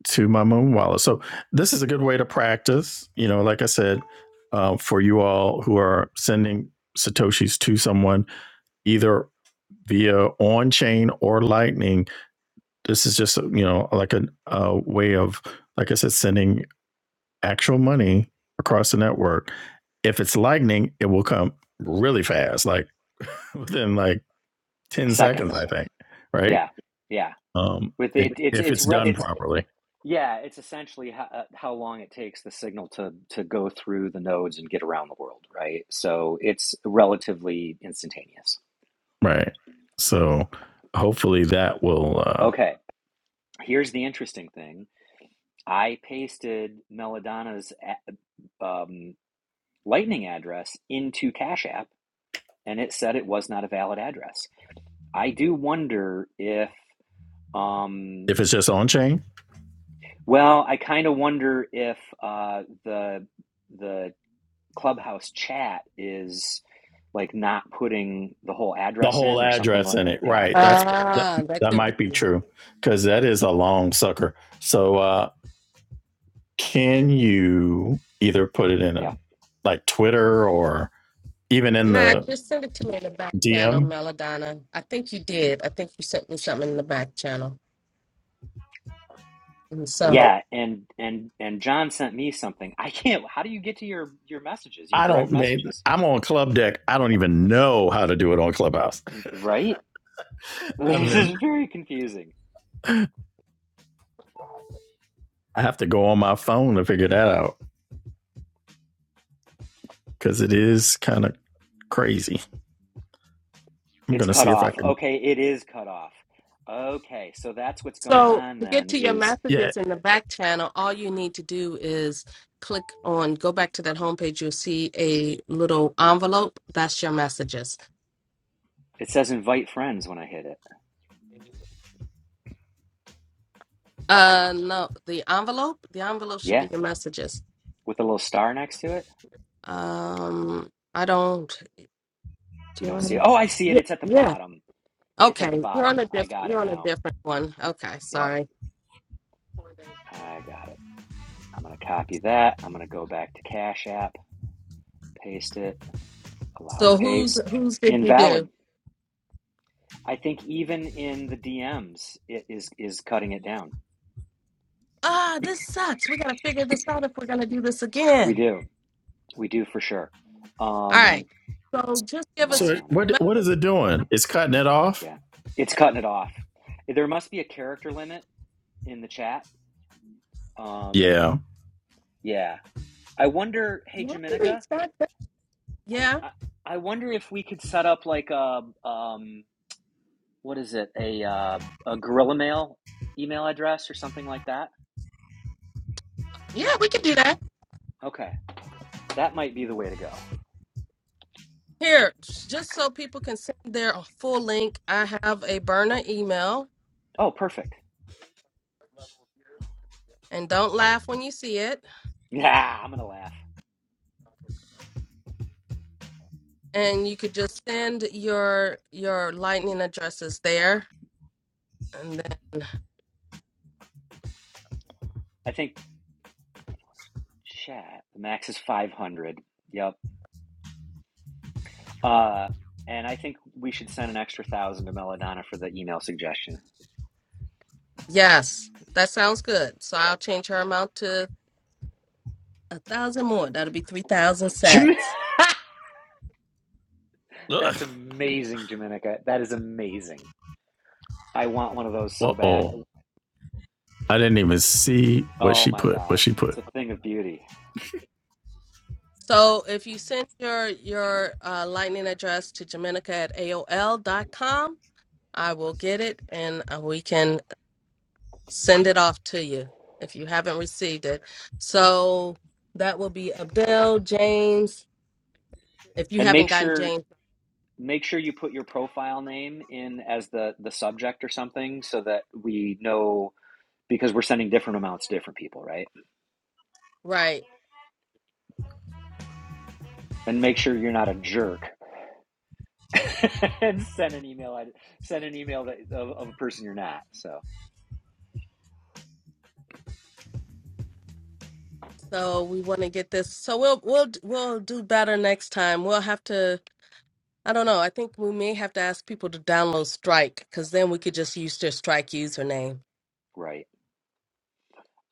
to my moon wallet. So this is a good way to practice. You know, like I said, uh, for you all who are sending satoshis to someone, either via on chain or Lightning. This is just you know like a, a way of like I said, sending actual money across the network. If it's Lightning, it will come really fast, like within like ten seconds, Seconds. I think. Right? Yeah, yeah. Um, With it, it, it's if it's it's re, done it's properly, yeah. It's essentially how, uh, how long it takes the signal to to go through the nodes and get around the world, right? So it's relatively instantaneous. right? So hopefully that will. Uh, Okay, here's the interesting thing. I pasted Melodana's um, Lightning address into Cash App, and it said it was not a valid address. I do wonder if, um, if it's just on chain, well, I kind of wonder if uh, the the clubhouse chat is like not putting the whole the address whole in or something address like in that. it. Yeah, Right. That's that, Ah, that that could be. might be true because that is a long sucker. So uh, can you either put it in a, yeah, like Twitter or even in Nah, the just send it to me in the back channel, DM? Melodonna. I think you did. I think you sent me something in the back channel. And so yeah. And and and John sent me something. I can't. How do you get to your your messages, your I don't direct mean messages? I'm on Club Deck. I don't even know how to do it on Clubhouse. Right? I've This been is very confusing. I have to go on my phone to figure that out because it is kind of crazy. I'm It's gonna cut see if I off. can. Okay, it is cut off. Okay, so that's what's going So on to get then. to your Is Yeah. messages in the back channel, all you need to do is click on go back to that homepage. You'll see a little envelope. That's your messages. it says invite friends when I hit it? Uh, no, the envelope. The envelope should Yeah, be your messages. with a little star next to it. Um, I don't. You Do don't I? see it. have- Oh, I see it. Yeah, It's at the yeah. bottom. It's at the Okay, you're on bottom. a I different. got it You're on a now. different one. Okay, Yep, sorry. I got it. I'm going to copy that. I'm going to go back to Cash App, paste it, allow So who's paste. who's did you do? Invalid. I think even in the DMs, it is is cutting it down. Ah, this sucks. We gotta figure this out if we're gonna do this We again. do. We do for sure. All Um, right. So just give So us. it, Melodonna. what what is it doing? It's cutting it off. Yeah. It's cutting it off. There must be a character limit in the chat. Um, Yeah. yeah. I wonder, hey, Why do Jaminica, we start that? Yeah. I, I wonder if we could set up like a um what is it a uh, a gorilla mail email address or something like that. Yeah, we can do that. Okay, that might be the way to go. Here, just so people can send their uh, full link, I have a burner email, Oh, perfect. and don't laugh when you see it. Yeah, I'm gonna laugh. And you could just send your your lightning addresses there, and then I think chat the max is five hundred. Yep. Uh, and I think we should send an extra thousand to Melodonna for the email suggestion. yes, that sounds good. So I'll change her amount to a thousand more. That'll be three thousand sets. Ugh. That's amazing, Jaminica. That is amazing. I want one of those Uh so bad. oh. I didn't even see what Oh she my put. What god, she it's put. a thing of beauty. So if you send your your uh, lightning address to Jamenica at AOL.com, I will get it and uh, we can send it off to you if you haven't received it. So that will be Abdel, James. If you And make haven't gotten sure James make sure you put your profile name in as the the subject or something so that we know because we're sending different amounts to different people right right, and make sure you're not a jerk and send an email send an email that, of, of a person you're not so so we want to get this. So we'll we'll we'll do better next time. We'll have to. I don't know. I think we may have to ask people to download Strike because then we could just use their Strike username. right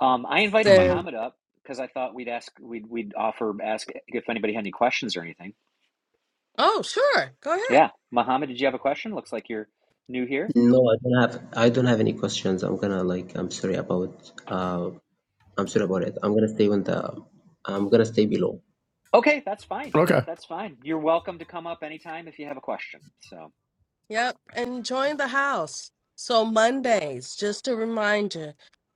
um, i invited Mm. Send. muhammad up because i thought we'd ask we'd, we'd offer ask if anybody had any questions or anything Oh, sure. Go ahead. yeah muhammad did you have a question looks like you're new here No, I don't have I don't have any questions. I'm gonna like I'm sorry about uh I'm sorry about it. I'm gonna stay on the I'm gonna stay below. okay that's fine Okay. that's fine you're welcome to come up anytime if you have a question so Yep, and join the house. So Mondays, just a reminder,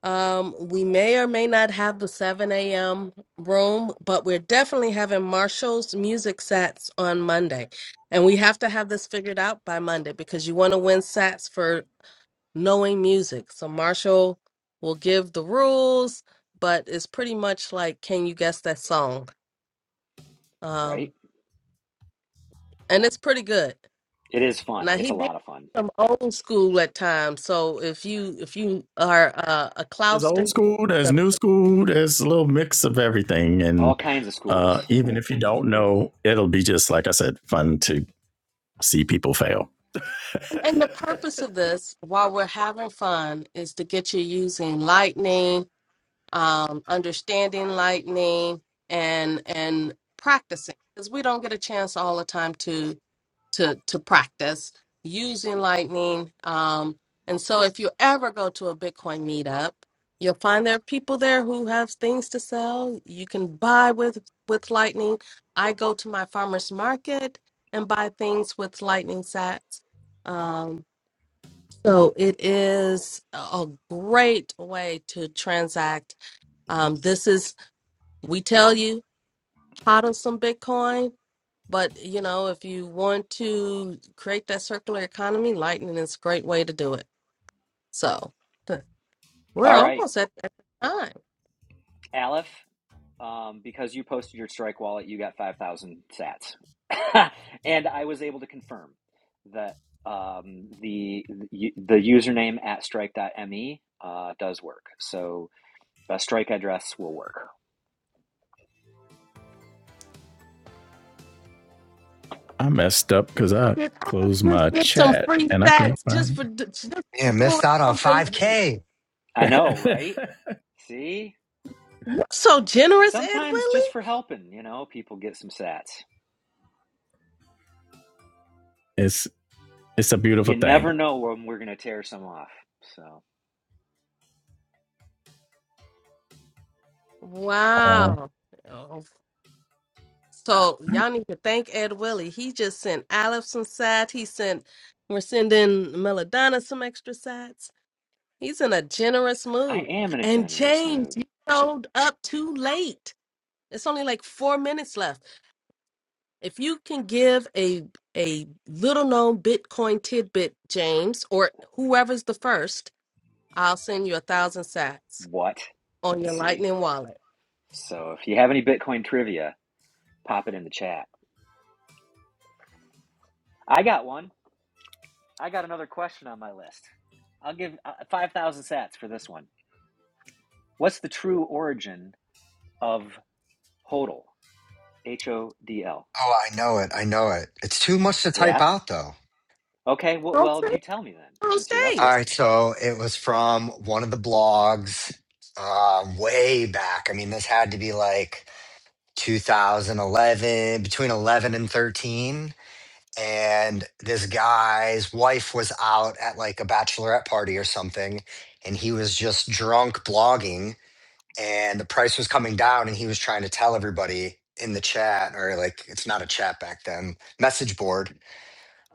um, we may or may not have the 7 a.m. room, but we're definitely having Marshall's music sets on Monday. And we yeah have to have this figured out by Monday because you want to win sets for knowing music. So Marshall will give the rules, but it's pretty much like, can you guess that song? right Um, and it's pretty good. It is fun. Now It's he a been lot of fun. some old school at times. So if you if you are uh, a There's Clouster, old you school, there's know. new school, there's a little mix of everything. All And kinds of uh, schools. even if you don't know, it'll be just, like I said, fun to see people fail. and, and the purpose of this, while we're having fun, is to get you using lightning, um, understanding lightning, and and practicing because we don't get a chance all the time to to to practice using lightning um and so if you ever go to a bitcoin meetup you'll find there are people there who have things to sell you can buy with with lightning i go to my farmers market and buy things with lightning sats um so it is a a great way to transact um this is we tell you hot on some Bitcoin. But you know, if you want to create that circular economy, Lightning is a great way to do it. So th- we're All right, almost at that time. Aleph, um, because you posted your strike wallet, you got 5,000 sats. and I was able to confirm that um, the, the the username at strike. me uh, does work. So a strike address will work. I messed up because I Get, closed my just get some chat free and I can't sats just find for d- just for Yeah, doing missed out on something. 5K. I know, it. right? See? You're so generous, Ed Sometimes just Willie. for helping, you know, people get some sats. it's, it's a beautiful You never thing. know when we're going to tear some off. So Uh, Wow. Oh, So y'all need to thank Ed Willie. He just sent Aleph some sats. He sent. We're sending Melodonna some extra sats. He's in a generous I mood. am in a And generous James, mood. you showed up too late. It's only like four minutes left. If you can give a a little known Bitcoin tidbit, James, or whoever's the first, I'll send you a thousand sats What? on your See? Lightning wallet. So if you have any Bitcoin trivia, pop it in the chat. I got one. I got another question on my list. I'll give uh, 5,000 sats for this one. What's the true origin of HODL? H O D L. Oh, I know it. I know it. It's too much to type Yeah? out, though. Okay, well, Don't well, say you it tell me then, on since you're up All here. stage. right, so it was from one of the blogs um, way back. I mean, this had to be like 2011, between 11 and 13. And this guy's wife was out at like a bachelorette party or something, and he was just drunk blogging and the price was coming down and he was trying to tell everybody in the chat or like it's not a chat back then message board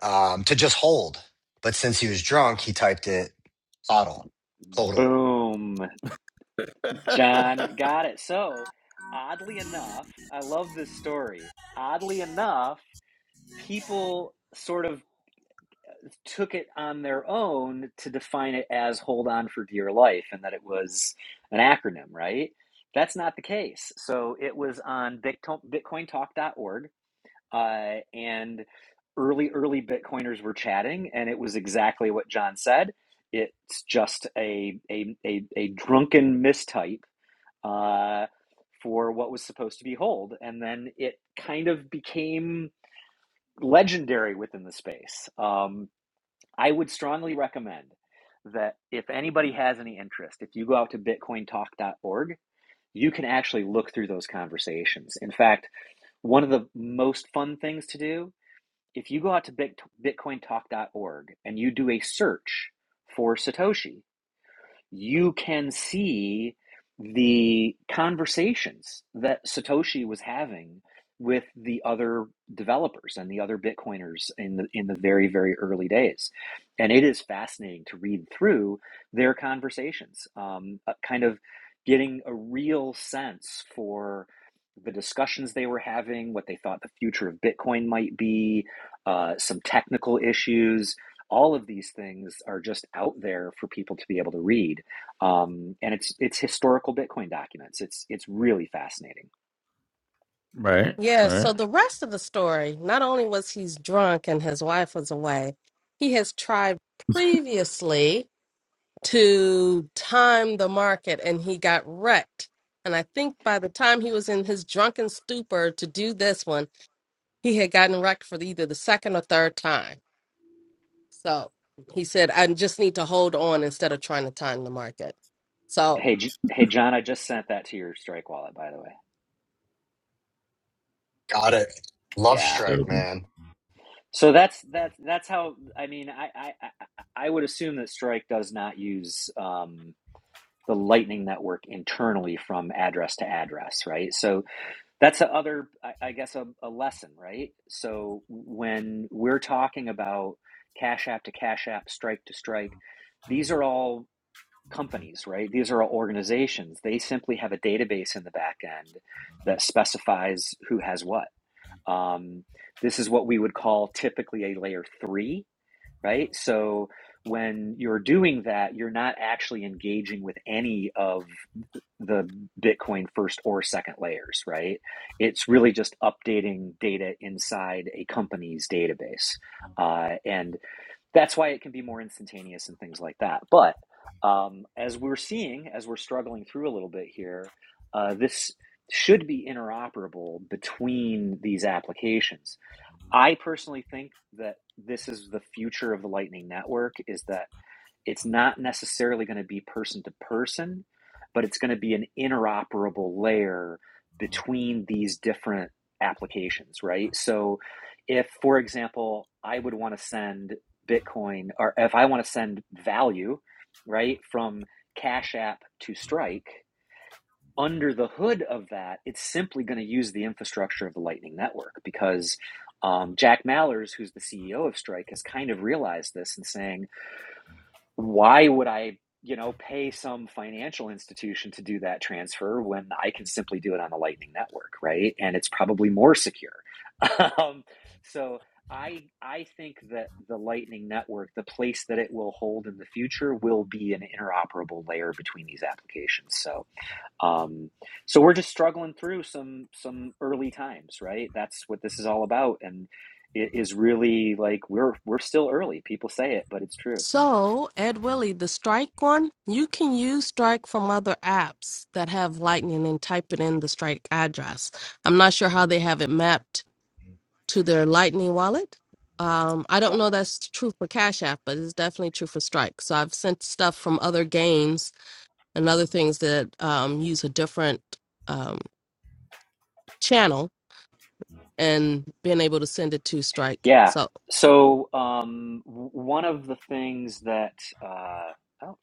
um, to just hold but since he was drunk he typed it hodl hodl Boom. John got it. So, oddly enough, I love this story. Oddly enough, people sort of took it on their own to define it as hold on for dear life and that it was an acronym, right? That's not the case. So it was on Bitcoin, bitcointalk.org uh, and early, early Bitcoiners were chatting and it was exactly what John said. It's just a, a, a, a drunken mistype uh, for what was supposed to be hold. And then it kind of became legendary within the space. Um, I would strongly recommend that if anybody has any interest, if you go out to bitcoin talk dot org, you can actually look through those conversations. In fact, one of the most fun things to do, if you go out to bitcoin talk dot org and you do a search for Satoshi, you can see the conversations that Satoshi was having with the other developers and the other Bitcoiners in the in the very very early days, and it is fascinating to read through their conversations, um, uh, kind of getting a real sense for the discussions they were having, what they thought the future of Bitcoin might be, uh, some technical issues, all of these things are just out there for people to be able to read. Um, and it's it's historical Bitcoin documents. It's it's really fascinating. right, Yeah, so right. the rest of the story, not only was he's drunk and his wife was away, he has tried previously to time the market and he got wrecked. And I think by the time he was in his drunken stupor to do this one, he had gotten wrecked for either the second or third time. So he said, I just need to hold on instead of trying to time the market. So, Hey, J- hey, John, I just sent that to your Strike wallet, by the way. got it love Yeah. Cool. strike man So that's that's that's how I mean I I I I- would assume that Strike does not use um, the Lightning network internally from address to address, right? So That's the other, I I guess, a, a lesson, right? So when we're talking about Cash App to Cash App, Strike to Strike, these are all companies, right? These are all organizations. They simply have a database in the back end that specifies who has what. Um, this is what we would call typically a layer three, right? So when you're doing that, you're not actually engaging with any of the Bitcoin first or second layers, right? It's really just updating data inside a company's database. Uh, and that's why it can be more instantaneous and things like that. But um, as we're seeing, as we're struggling through a little bit here, uh, this should be interoperable between these applications. I personally think that this is the future of the Lightning Network is that it's not necessarily going to be person to person, but it's going to be an interoperable layer between these different applications, right? So if, for example, I would want to send Bitcoin or if I want to send value, right, from Cash App to Strike, under the hood of that, it's simply going to use the infrastructure of the Lightning Network because um, Jack Mallers, who's the CEO of Strike, has kind of realized this and saying, why would I, you know, pay some financial institution to do that transfer when I can simply do it on the Lightning Network, right? And it's probably more secure. um, so I I think that the Lightning Network, the place that it will hold in the future, will be an interoperable layer between these applications. So um, so we're just struggling through some some early times, right? That's what this is all about, and it is really like we're we're still early. People say it, but it's true. so Ed Willie, the strike one, you can use strike from other apps that have lightning and type it in the strike address. I'm not sure how they have it mapped to their Lightning wallet. Um, I Yeah. don't know that's true for Cash App, but it's definitely true for Strike. So I've sent stuff from other games and other things that um, use a different um, channel and being able to send it to Strike. Yeah. So So um, w- one of the things that uh, oh,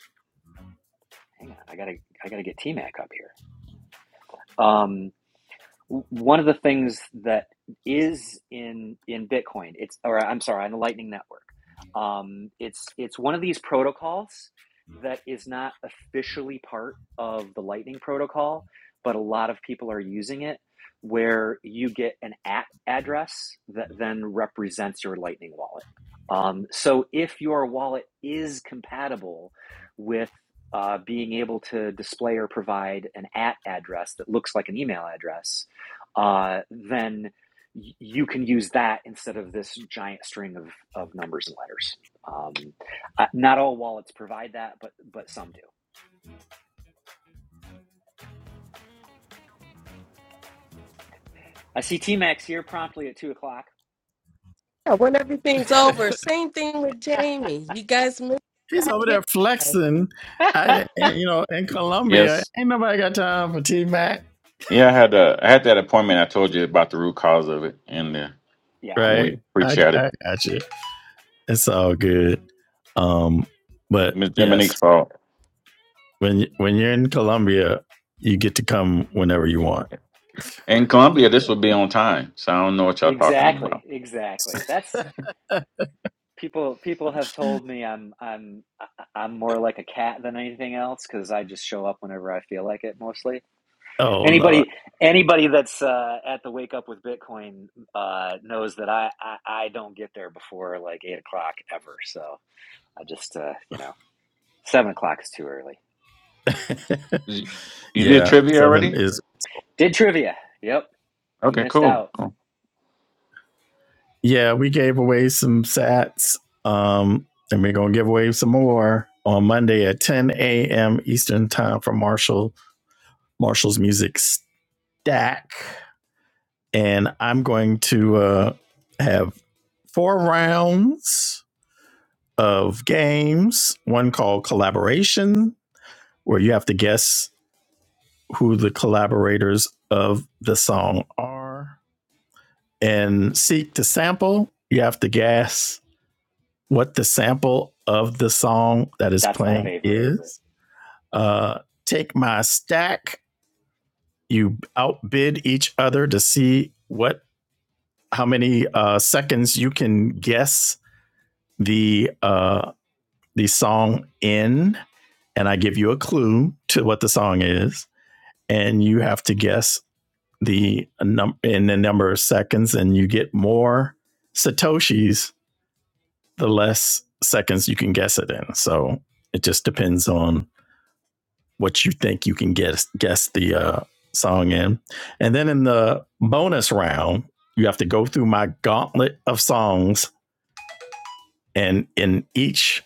hang on, I gotta I gotta get T Mac up here. Um, one of the things that is in in Bitcoin, it's or I'm sorry, on the Lightning Network, um, it's it's one of these protocols that is not officially part of the Lightning protocol, but a lot of people are using it, where you get an at address that then represents your Lightning wallet. Um, so if your wallet is compatible with uh, being able to display or provide an at address that looks like an email address, uh, then y- you can use that instead of this giant string of, of numbers and letters. Um, uh, not all wallets provide that, but but some do. I see T-Max here promptly at two o'clock. yeah, when everything's over, same thing with Jamie. You guys missed He's that over there giveaway. flexing. I, you know, in Colombia, Yes. ain't nobody got time for T Mac. Yeah, I had uh, I had that appointment I told you about the root cause of it and uh, yeah, right? we pre I, chatted. I got you. It's all good. Um, but Miss yes, Dominique's fault. when when you're in Colombia, you get to come whenever you want. In Columbia this would be on time, so I don't know what y'all talking exactly, about. exactly. That's people. People have told me I'm I'm I- I'm more like a cat than anything else because I just show up whenever I feel like it mostly Oh lord, Anybody anybody that's uh, at the wake up with Bitcoin uh, knows that I, I I don't get there before like eight o'clock ever. So I just uh, you know seven o'clock is too early. You you did yeah, trivia seven already? is Did trivia? Yep, you Okay, missed cool. out. cool. yeah. We gave away some sats, um, and we're gonna give away some more on Monday at 10 a.m. Eastern time for Marshall Marshall's Music Stack, and I'm going to uh, have four rounds of games, one called Collaboration, where you have to guess who the collaborators of the song are, and Seek to Sample, you have to guess what the sample of the song that is That's my playing favorite. is. Uh, take My Stack, you outbid each other to see what how many uh, seconds you can guess the uh, the song in, and I give you a clue to what the song is, and you have to guess the num- in the number of seconds, and you get more satoshis the less seconds you can guess it in. So it just depends on what you think you can guess guess the uh, song in, and then in the bonus round, you have to go through my gauntlet of songs, and in each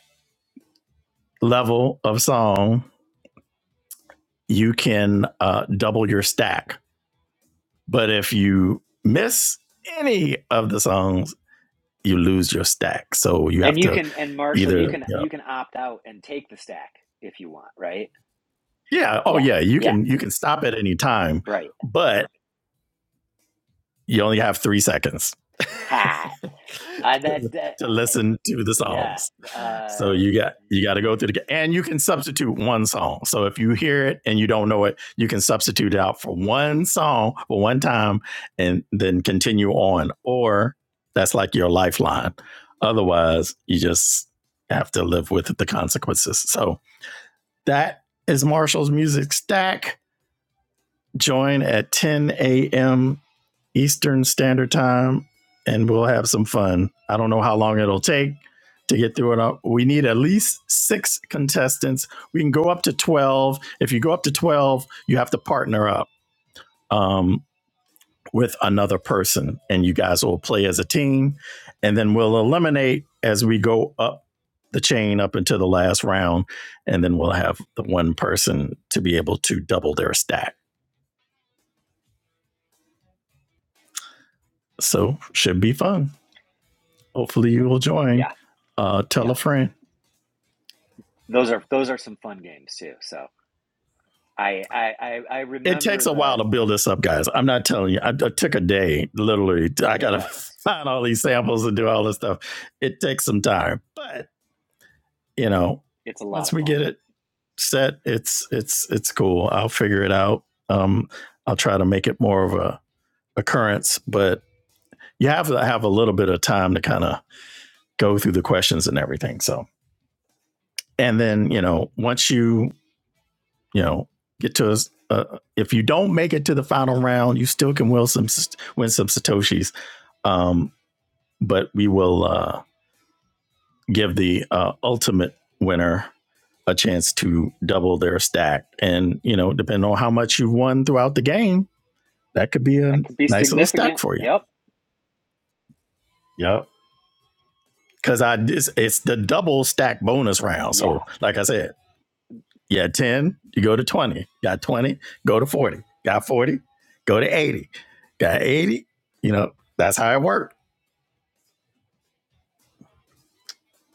level of song, you can uh, double your stack. But if you miss any of the songs, you lose your stack. So you And have you to can and Marshall, either, you you can know, you can opt out and take the stack if you want, right? yeah, oh Yeah, yeah, you yeah, can you can stop at any time, right. but you only have three seconds Ha. I to, that, that to listen to the yeah songs. So uh, you got you got to go through the and you can substitute one song. So if you hear it and you don't know it, you can substitute out for one song for one time and then continue on. Or that's like your lifeline. Otherwise, you just have to live with the consequences. So that is Marshall's music stack. Join at 10 a.m. Eastern Standard Time, and we'll have some fun. I don't know how long it'll take to get through it all. We need at least six contestants. We can go up to 12. If you go up to 12, you have to partner up um, with another person, and you guys will play as a team. And then we'll eliminate as we go up the chain up until the last round. And then we'll have the one person to be able to double their stack. So, should be fun. Hopefully, you will join. yeah. Uh, tell Yeah. a friend. Those are those are some fun games too. So I I I, I it remember takes a the while to build this up, guys. I'm not telling you. I, I took a day, literally. I It got to does. find all these samples and do all this stuff. It takes some time, but you know, It's a lot once of we fun. get it set, it's it's it's cool. I'll figure it out. Um, I'll try to make it more of a occurrence, but you have to have a little bit of time to kind of go through the questions and everything. So, and then you know, once you you know get to us. Uh, if you don't make it to the final round, you still can win some win some satoshis. Um, but we will uh, give the uh, ultimate winner a chance to double their stack, and you know, depending on how much you won throughout the game, that could be That a could be nice little stack significant. for you. Yep. Yep. Because I it's, it's the double stack bonus round. Yeah. So, like I said, You had 10, you go to 20. Got 20, go to 40. Got 40, go to 80. Got 80, you know, that's how it worked.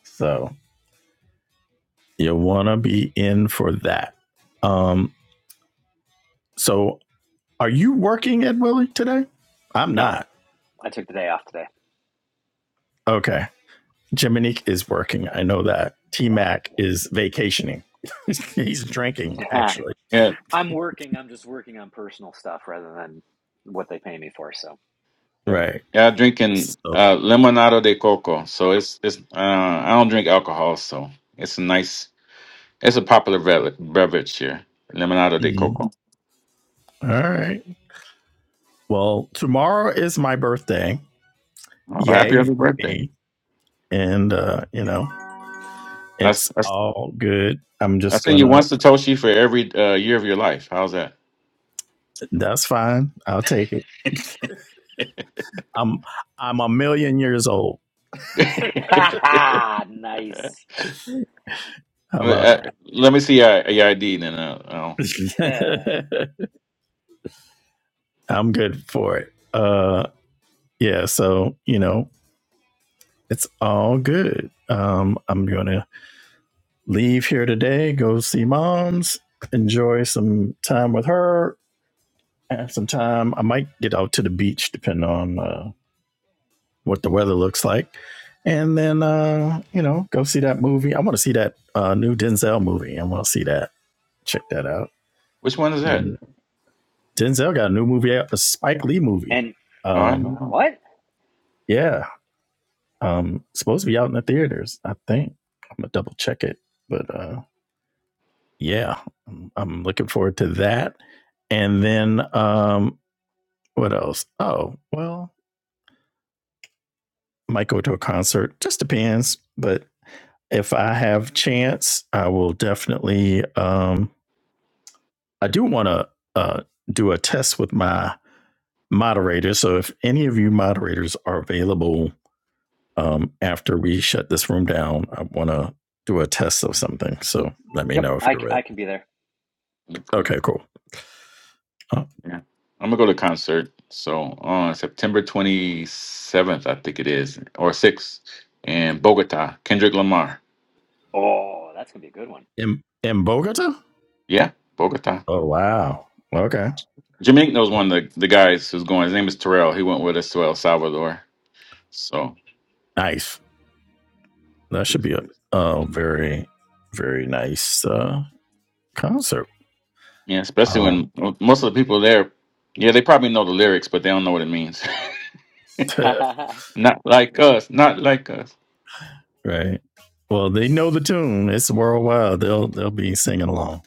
So you want to be in for that. Um, so are you working at Willie today? I'm No, not. I took the day off today. Okay. Jiminique is working. I know that. T Mac is vacationing. He's drinking, Yeah. actually. Yeah, I'm working. I'm just working on personal stuff rather than what they pay me for. So, Yeah, Right. Yeah, I'm drinking So, uh, limonado de coco. So it's it's uh, I don't drink alcohol, so it's a nice it's a popular bev- beverage here. Limonado de mm, coco. all right. Well, tomorrow is my birthday. Oh, happy Yay early for birthday! me. and uh, you know I, it's s- I, s- all good. I'm I just send you one gonna. satoshi for every uh, year of your life. How's that? That's fine. I'll take it. I'm I'm a million years old. ha ha. Nice. How about Uh, Let me see your, your ID then. Uh, oh. and that? I'm good for it. Uh, yeah. So you know it's all good. Um, I'm gonna leave here today. Go see mom's. Enjoy some time with her. Have some time. I might get out to the beach, depending on uh, what the weather looks like, and then uh, you know go see that movie. I want to see that uh, new Denzel movie. I want to see that. Check that out. Which one is that? And Denzel got a new movie out, a Spike Lee movie. Oh, I Um, don't know. what? yeah, um, supposed to be out in the theaters. I think I'm gonna double check it, but uh, yeah, I'm, I'm looking forward to that. And then um, what else? Oh, well, might go to a concert. Just depends, but if I have chance, I will definitely. Um, I do want to uh, do a test with my moderator. So if any of you moderators are available um, after we shut this room down, I want to do a test of something. So let me Yep. know if I I you're can be there. Okay. Okay, cool. Uh, Yeah. I'm gonna go to concert. So on September 27th, I think it is, or 6th, in Bogota, Kendrick Lamar. Oh, that's going to be a good one. in in Bogota? Yeah, Bogota. Oh wow. Wow. Okay. Jamaica knows one of the, the guys who's going. His name is Terrell. He went with us to El Salvador. So Nice. That should be a, a very very nice uh concert. yeah, especially Um when most of the people there, yeah, they probably know the lyrics, but they don't know what it means. not like us. Not like us. right. Well, they know the tune. It's worldwide. They'll they'll be singing along.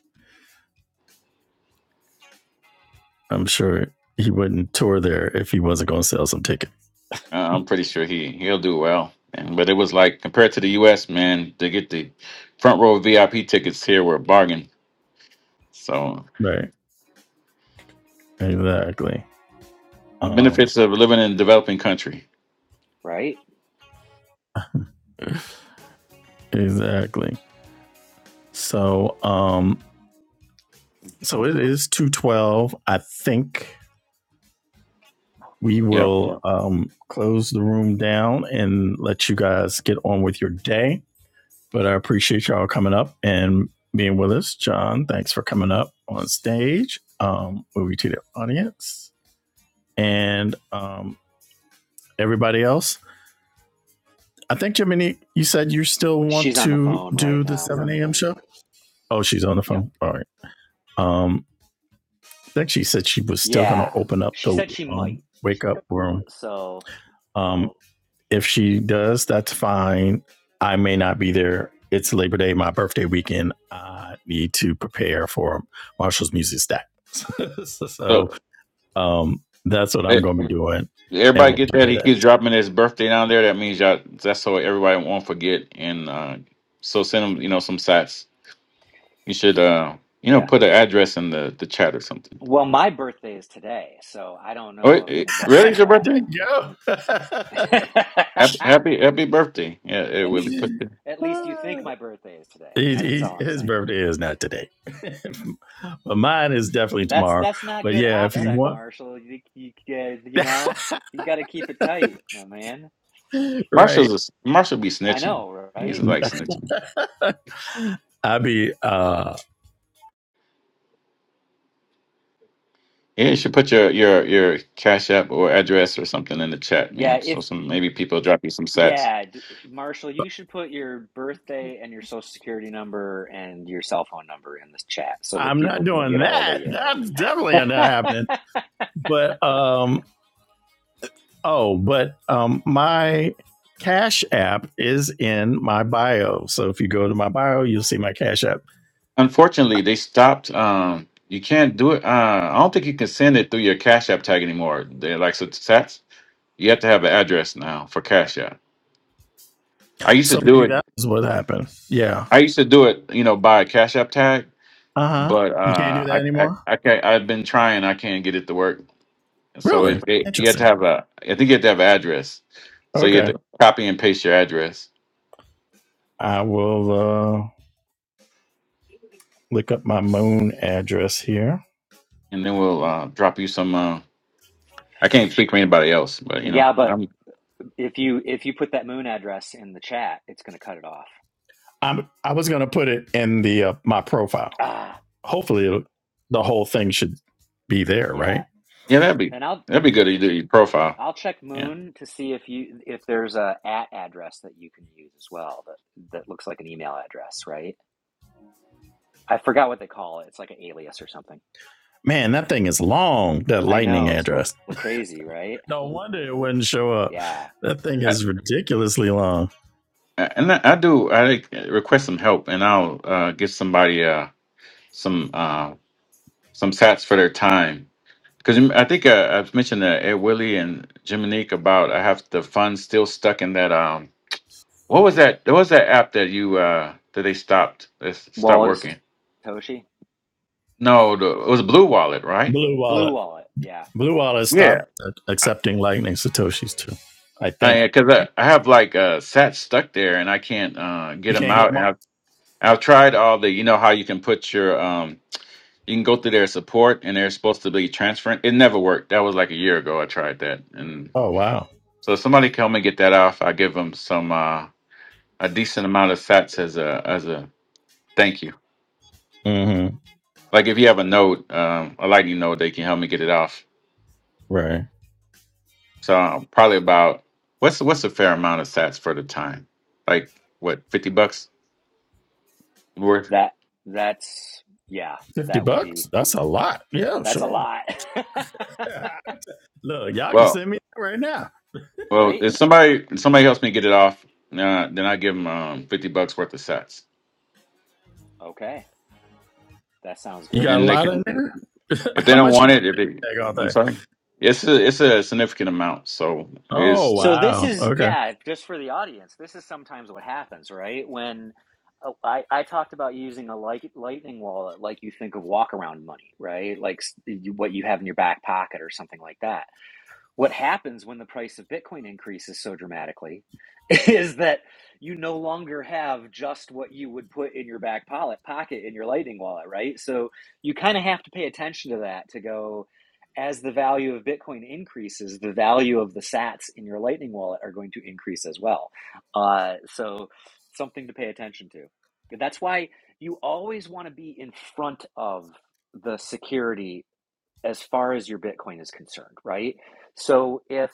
I'm sure he wouldn't tour there if he wasn't going to sell some tickets. Uh, I'm pretty sure he he'll do well. And, but it was like compared to the U.S., man, to get the front row VIP tickets here were a bargain. So Right. Exactly. the Um, benefits of living in a developing country. right? exactly. So, um, so it is 212. I think we Yeah. will um, close the room down and let you guys get on with your day. But I appreciate y'all coming up and being with us. John, thanks for coming up on stage. Um, moving to the audience. And um, everybody else, I think Jiminy, you said you still want She's on the to phone right do the now. 7 a.m. show. Oh, she's on the Yep. phone. All right. Um, I think she said she was still going to Yeah. open up She the said she might. um, wake up room. So, Um, if she does, that's fine. I may not be there. It's Labor Day, my birthday weekend. I need to prepare for Marshall's music stack. so So um, that's what I'm that- going to be doing, and everybody get we'll that. do He that. keeps dropping his birthday down there. That means y'all, that's so everybody won't forget. And uh, so send him, you know, some sats. You should, uh, you yeah. know, put an address in the, the chat or something. Well, my birthday is today, so I don't Oh, know it, if it- anybody really? It's knew your that. birthday? At, Happy, happy, happy birthday. Yeah, it at really least, put the, at least you yeah. think my birthday is today. He, That's all he, I'm his saying. birthday is not today, but mine is definitely That's tomorrow. that's not But good yeah, if Yeah. you opsec, want, Marshall. You you, uh, you know you got to keep it tight, my man. right, Marshall's a s Marshall be I snitching. know, He's right? like snitching. I'll be. uh Yeah, you should put your your your cash app or address or something in the chat, Yeah, man. if So some maybe people drop you some sats. yeah, d- Marshall, you should put your birthday and your social security number and your cell phone number in this chat so that I'm people not can doing get a hold of that. you. That's definitely not happening. But um, oh, but um, my Cash App is in my bio. So if you go to my bio, you'll see my Cash App. Unfortunately, they stopped. Um, you can't do it. Uh, I don't think you can send it through your Cash App tag anymore. They're like so sats. You have to have an address now for Cash App. I used to So do maybe it. that is what happened. Yeah. I used to do it, you know, by a Cash App tag, Uh huh. but You can't uh, do that I, I, anymore. I can't, I've been trying. I can't get it to work. So Really it, it, you have to interesting. have a. I think you have to have an address. So you have Okay. to copy and paste your address, I will. Uh, look up my moon address here. and then we'll uh, drop you some. Uh, I can't speak for anybody else, but you know, yeah, but um, If you if you put that moon address in the chat, it's going to cut it off. I'm I was gonna put it in the uh, my profile. Ah, Hopefully, the whole thing should be there, yeah. right? yeah, that'd be And I'll that'd be good to do your profile. I'll check Yeah. moon to see if you if there's a at address that you can use as well that that looks like an email address, right? I forgot what they call it. It's like an alias or something. Man, that thing is long. That I lightning know it's a little, address. little crazy, right? No wonder it wouldn't show up. Yeah. That thing is ridiculously long. And I I do. I like, request some help, and I'll uh, give somebody uh, some uh, some sats for their time. Because I think uh, I've mentioned to Ed Willie and Jiminique about I have the funds still stuck in that. Um, what was that? What was that app that you uh, that they stopped? That stopped Wallet of working? Satoshi, No, the, it was Blue Wallet, right? Blue blue Wallet. wallet. Yeah. Blue Wallet Yeah. stopped accepting lightning satoshis too. I think I because I, 'cause I I have like uh, sats stuck there, and I can't uh, get you them can't get out. them And all. I've I've tried all the you know how you can put your um You can go through their support, and they're supposed to be transferring. It never worked. That was like a year ago. I tried that, and Oh wow. so if somebody can help me get that off. I give them some uh, a decent amount of sats as a as a thank you. Mm-hmm. Like if you have a note, um, a lightning node, they can help me get it off. Right. So uh, probably about what's what's a fair amount of sats for the time, like what fifty bucks worth. That that's yeah. Fifty That would be bucks. That's a lot. Yeah, that's a sure. lot, Ah, Look, y'all can Well, send me that right now. well, right? if somebody if somebody helps me get it off, uh, then I give them um, fifty bucks worth of sats, Okay, that sounds You good. got a and they lot can in there? If they How don't much you want it, if it, take all I'm day? sorry, it's a it's a significant amount. So Oh it's So this wow. is Okay. yeah, just for the audience. This is sometimes what happens, right? When uh, I I talked about using a light, lightning wallet, like you think of walk around money, right? Like s- you- what you have in your back pocket or something like that. What happens when the price of Bitcoin increases so dramatically is that you no longer have just what you would put in your back pocket in your lightning wallet, right? So you kind of have to pay attention to that to go as the value of Bitcoin increases, the value of the sats in your lightning wallet are going to increase as well. Uh, so something to pay attention to. That's why you always want to be in front of the security as far as your Bitcoin is concerned, right? So if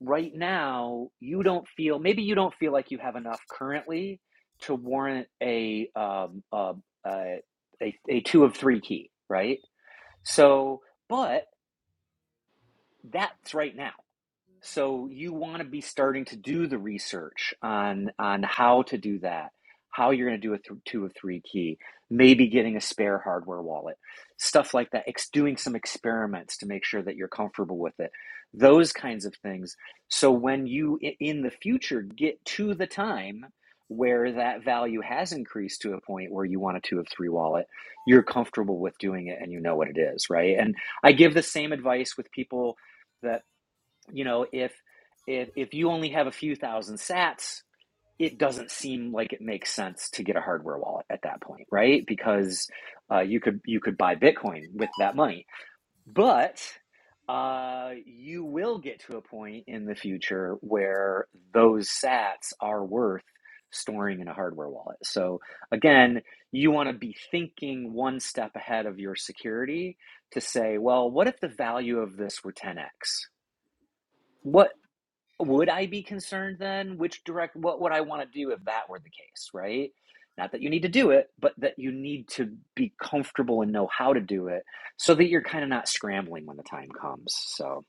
right now you don't feel, maybe you don't feel like you have enough currently to warrant a um, uh, uh, a, a two of three key, right? So, but that's right now. So you want to be starting to do the research on on how to do that, how you're going to do a th- two or three key, maybe getting a spare hardware wallet, stuff like that. Ex- doing some experiments to make sure that you're comfortable with it, those kinds of things. So when you i- in the future get to the time where that value has increased to a point where you want a two of three wallet, you're comfortable with doing it and you know what it is, right? And I give the same advice with people you know if if if you only have a few thousand sats it doesn't seem like it makes sense to get a hardware wallet at that point right because uh, you could you could buy bitcoin with that money but uh, you will get to a point in the future where those sats are worth storing in a hardware wallet so again you want to be thinking one step ahead of your security to say well what if the value of this were 10x what would I be concerned then? Which direct, what would I want to do if that were the case, right? Not that you need to do it, but that you need to be comfortable and know how to do it so that you're kind of not scrambling when the time comes. So,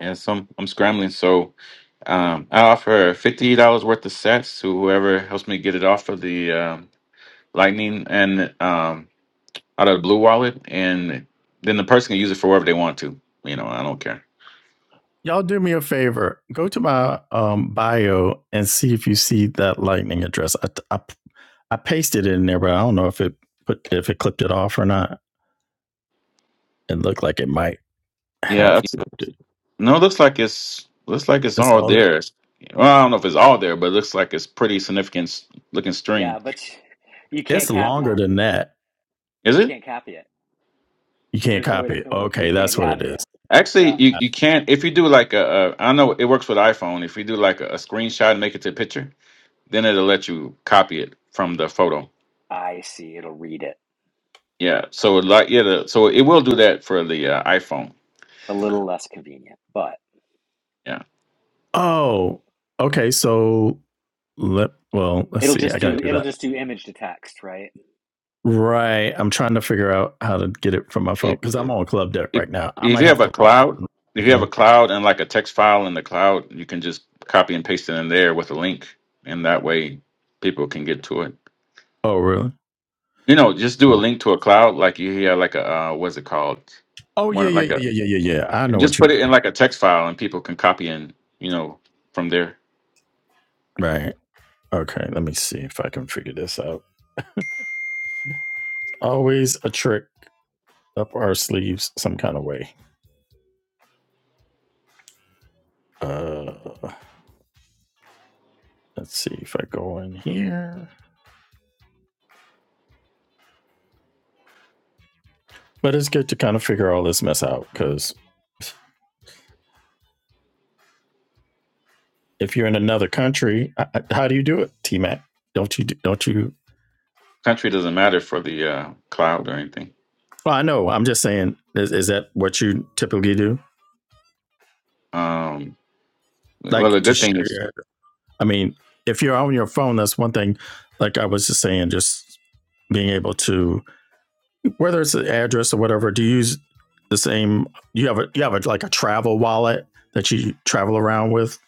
yeah, some I'm scrambling. So um, I offer fifty dollars worth of sets to whoever helps me get it off of the um, Lightning and um, out of the Blue Wallet, and then the person can use it for whatever they want to. You know, I don't care. Y'all do me a favor. Go to my um, bio and see if you see that lightning address. I, I, I pasted it in there, but I don't know if it put if it clipped it off or not. It looked like it might Yeah, have that's, clipped it. no, it looks like it's looks like it's It's all all there. there. Well, I don't know if it's all there, but it looks like it's pretty significant s- looking string. yeah, but you It's can't copy longer it. than that. Is You it? can't copy it. You can't There's no way to, copy it. you Okay, can't that's what it copy is. it. Actually, Yeah, you, you can't if you do like a, a I know it works with iPhone. If you do like a, a screenshot and make it to a picture, then it'll let you copy it from the photo. I see. It'll read it. Yeah. So like yeah, the, so it will do that for the uh, iPhone. A little less convenient, but Yeah. Oh, okay. So let well, let's it'll see. I just gotta do, do it'll that. just do image to text, right? Right. I'm trying to figure out how to get it from my phone It, because I'm on club deck if right now. I if might you have have a to log out cloud, if if you I have a can. cloud and like a text file in the cloud, you can just copy and paste it in there with a link, and that way people can get to it. Oh, really? You know, just do a Uh, link to a cloud like you hear like a uh, what's it called? Oh, yeah, one yeah, like a. yeah, yeah, yeah, yeah, yeah. I know and what just you put it in like a text file and people can copy in, you know from their mean. Right. Okay. Let me see if I can figure this out. Always a trick up our sleeves, some kind of way. Uh, let's see if I go in here. But it's good to kind of figure all this mess out because if you're in another country, I, I- how do you do it, T Mac? Don't you? do- Don't you? country doesn't matter for the uh, cloud or anything Well, I know. I'm just saying. Is, is that what you typically do? um like well the to good thing share is your i mean if you're on your phone that's one thing like i was just saying just being able to whether it's an address or whatever do you use the same you have a you have a, like a travel wallet that you travel around with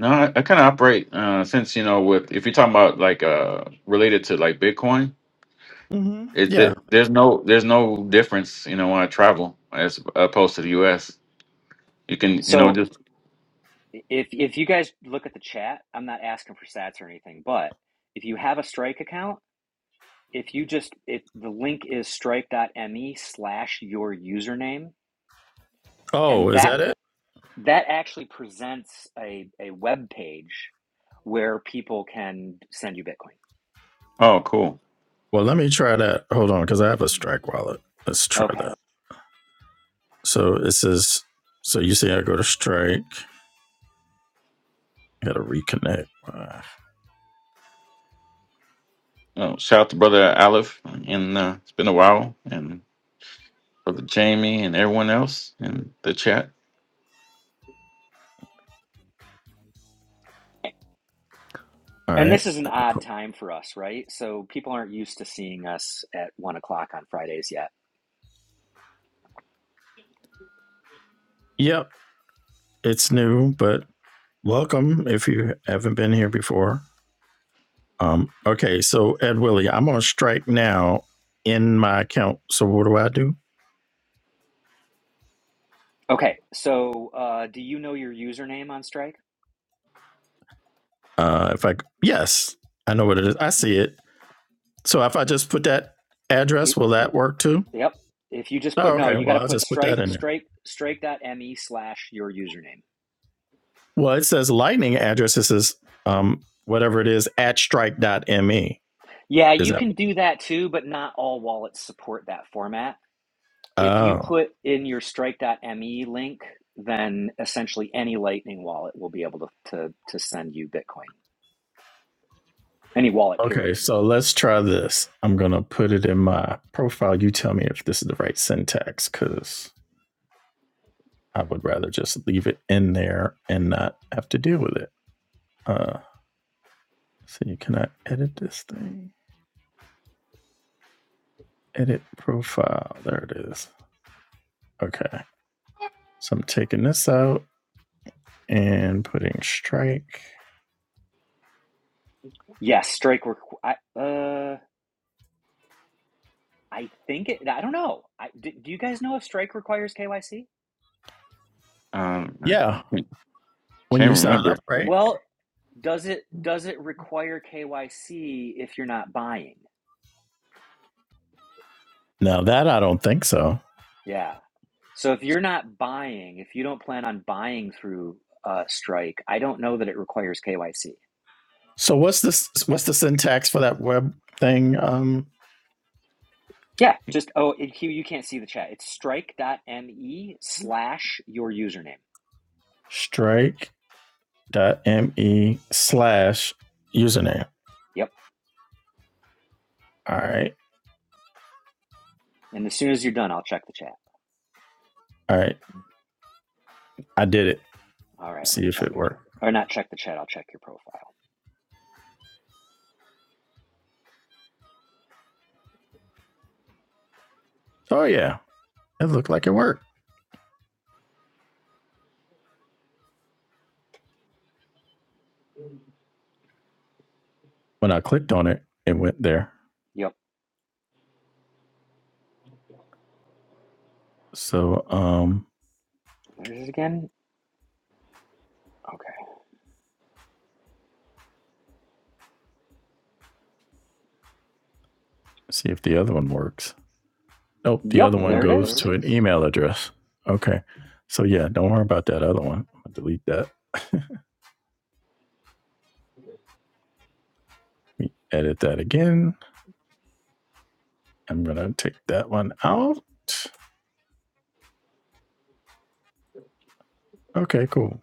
no i, I kind of operate uh since you know with if you're talking about like uh related to like bitcoin Mm-hmm. it, yeah it there's no there's no difference you know when i travel as opposed to the us you can you know So, just if if you guys look at the chat, I'm not asking for stats or anything, but if you have a Strike account, if you just if the link is strike.me slash your username, oh and is that that it that actually presents a, a web page where people can send you Bitcoin. oh cool well let me try that hold on because i have a strike wallet let's try Okay. that so it says so you see, i go to strike gotta reconnect all oh, shout out to brother aleph and uh, it's been a while and brother jamie and everyone else in the chat And right this is an odd time for us, right? So people aren't used to seeing us at one o'clock on Fridays yet. yep it's new but Welcome if you haven't been here before. Um, okay, so Ed Willie, I'm on strike now in my account. So what do I do? Okay. So uh, do you know your username on Strike? Uh, if I yes, I know what it is. I see it. So if I just put that address, will that work too? Yep. If you just Oh, put no, okay. you got Well, to I'll put just put that strike in there. strike strike.me slash your username. Well, it says lightning address. This is um, whatever it is at strike.me. Yeah, Is you that? can do that too, but not all wallets support that format. If you Oh, put in your strike.me link, then essentially any Lightning wallet will be able to to, to send you Bitcoin. Any wallet, okay. period. So let's try this. I'm gonna put it in my profile. You tell me if this is the right syntax, because I would rather just leave it in there and not have to deal with it. Uh, so you cannot edit this thing. Edit profile. There it is. Okay. So I'm taking this out and putting strike. Yes, Strike. Requ- I uh, I think it. I don't know. I, do, do you guys know if Strike requires KYC? um Yeah. When Can't you I, sign remember. up, right? well, does it does it require KYC if you're not buying? Now that I don't think so. Yeah. So if you're not buying, if you don't plan on buying through uh, Strike, I don't know that it requires KYC. So what's this? What's the syntax for that web thing? Um, Yeah, just oh, it, Hugh, you can't see the chat. It's strike.me slash your username. strike dot me slash username. Yep. All right. And as soon as you're done, I'll check the chat. All right. I did it. All right, let See me if check it it. worked. Or not check the chat, I'll check your profile. Oh yeah, it looked like it worked. when I clicked on it, it went there. Yep. So um There's it again. Okay. let's see if the other one works. Nope, the Yep, other one Nope, there it goes is. to an email address. Okay. So yeah, don't worry about that other one. I'm delete that. Let me edit that again. I'm gonna take that one out. Okay, cool.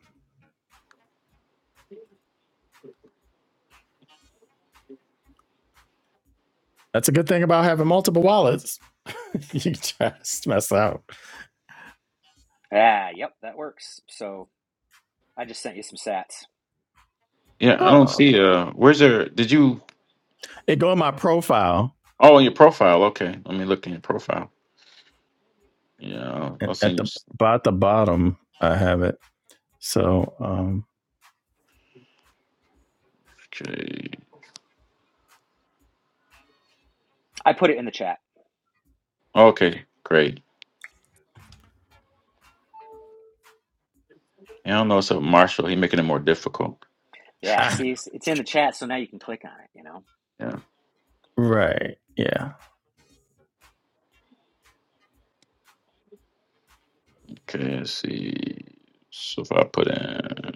That's a good thing about having multiple wallets. you just mess out. Ah, yep, that works. So I just sent you some sats. Yeah, I Oh. don't see. Uh, where's your? Did you? It go in my profile Oh, in your profile. Okay, let me look in your profile. Yeah, I'll, and I'll send at you. the s- about the bottom I have it. So um Okay. I put it in the chat. Okay, great. Yeah, I don't know. It's a Marshall. He making it more difficult. Yeah, ah, see, it's it's in the chat, so now you can click on it, you know? Yeah. right. Yeah Okay. Let's see. So if I put in,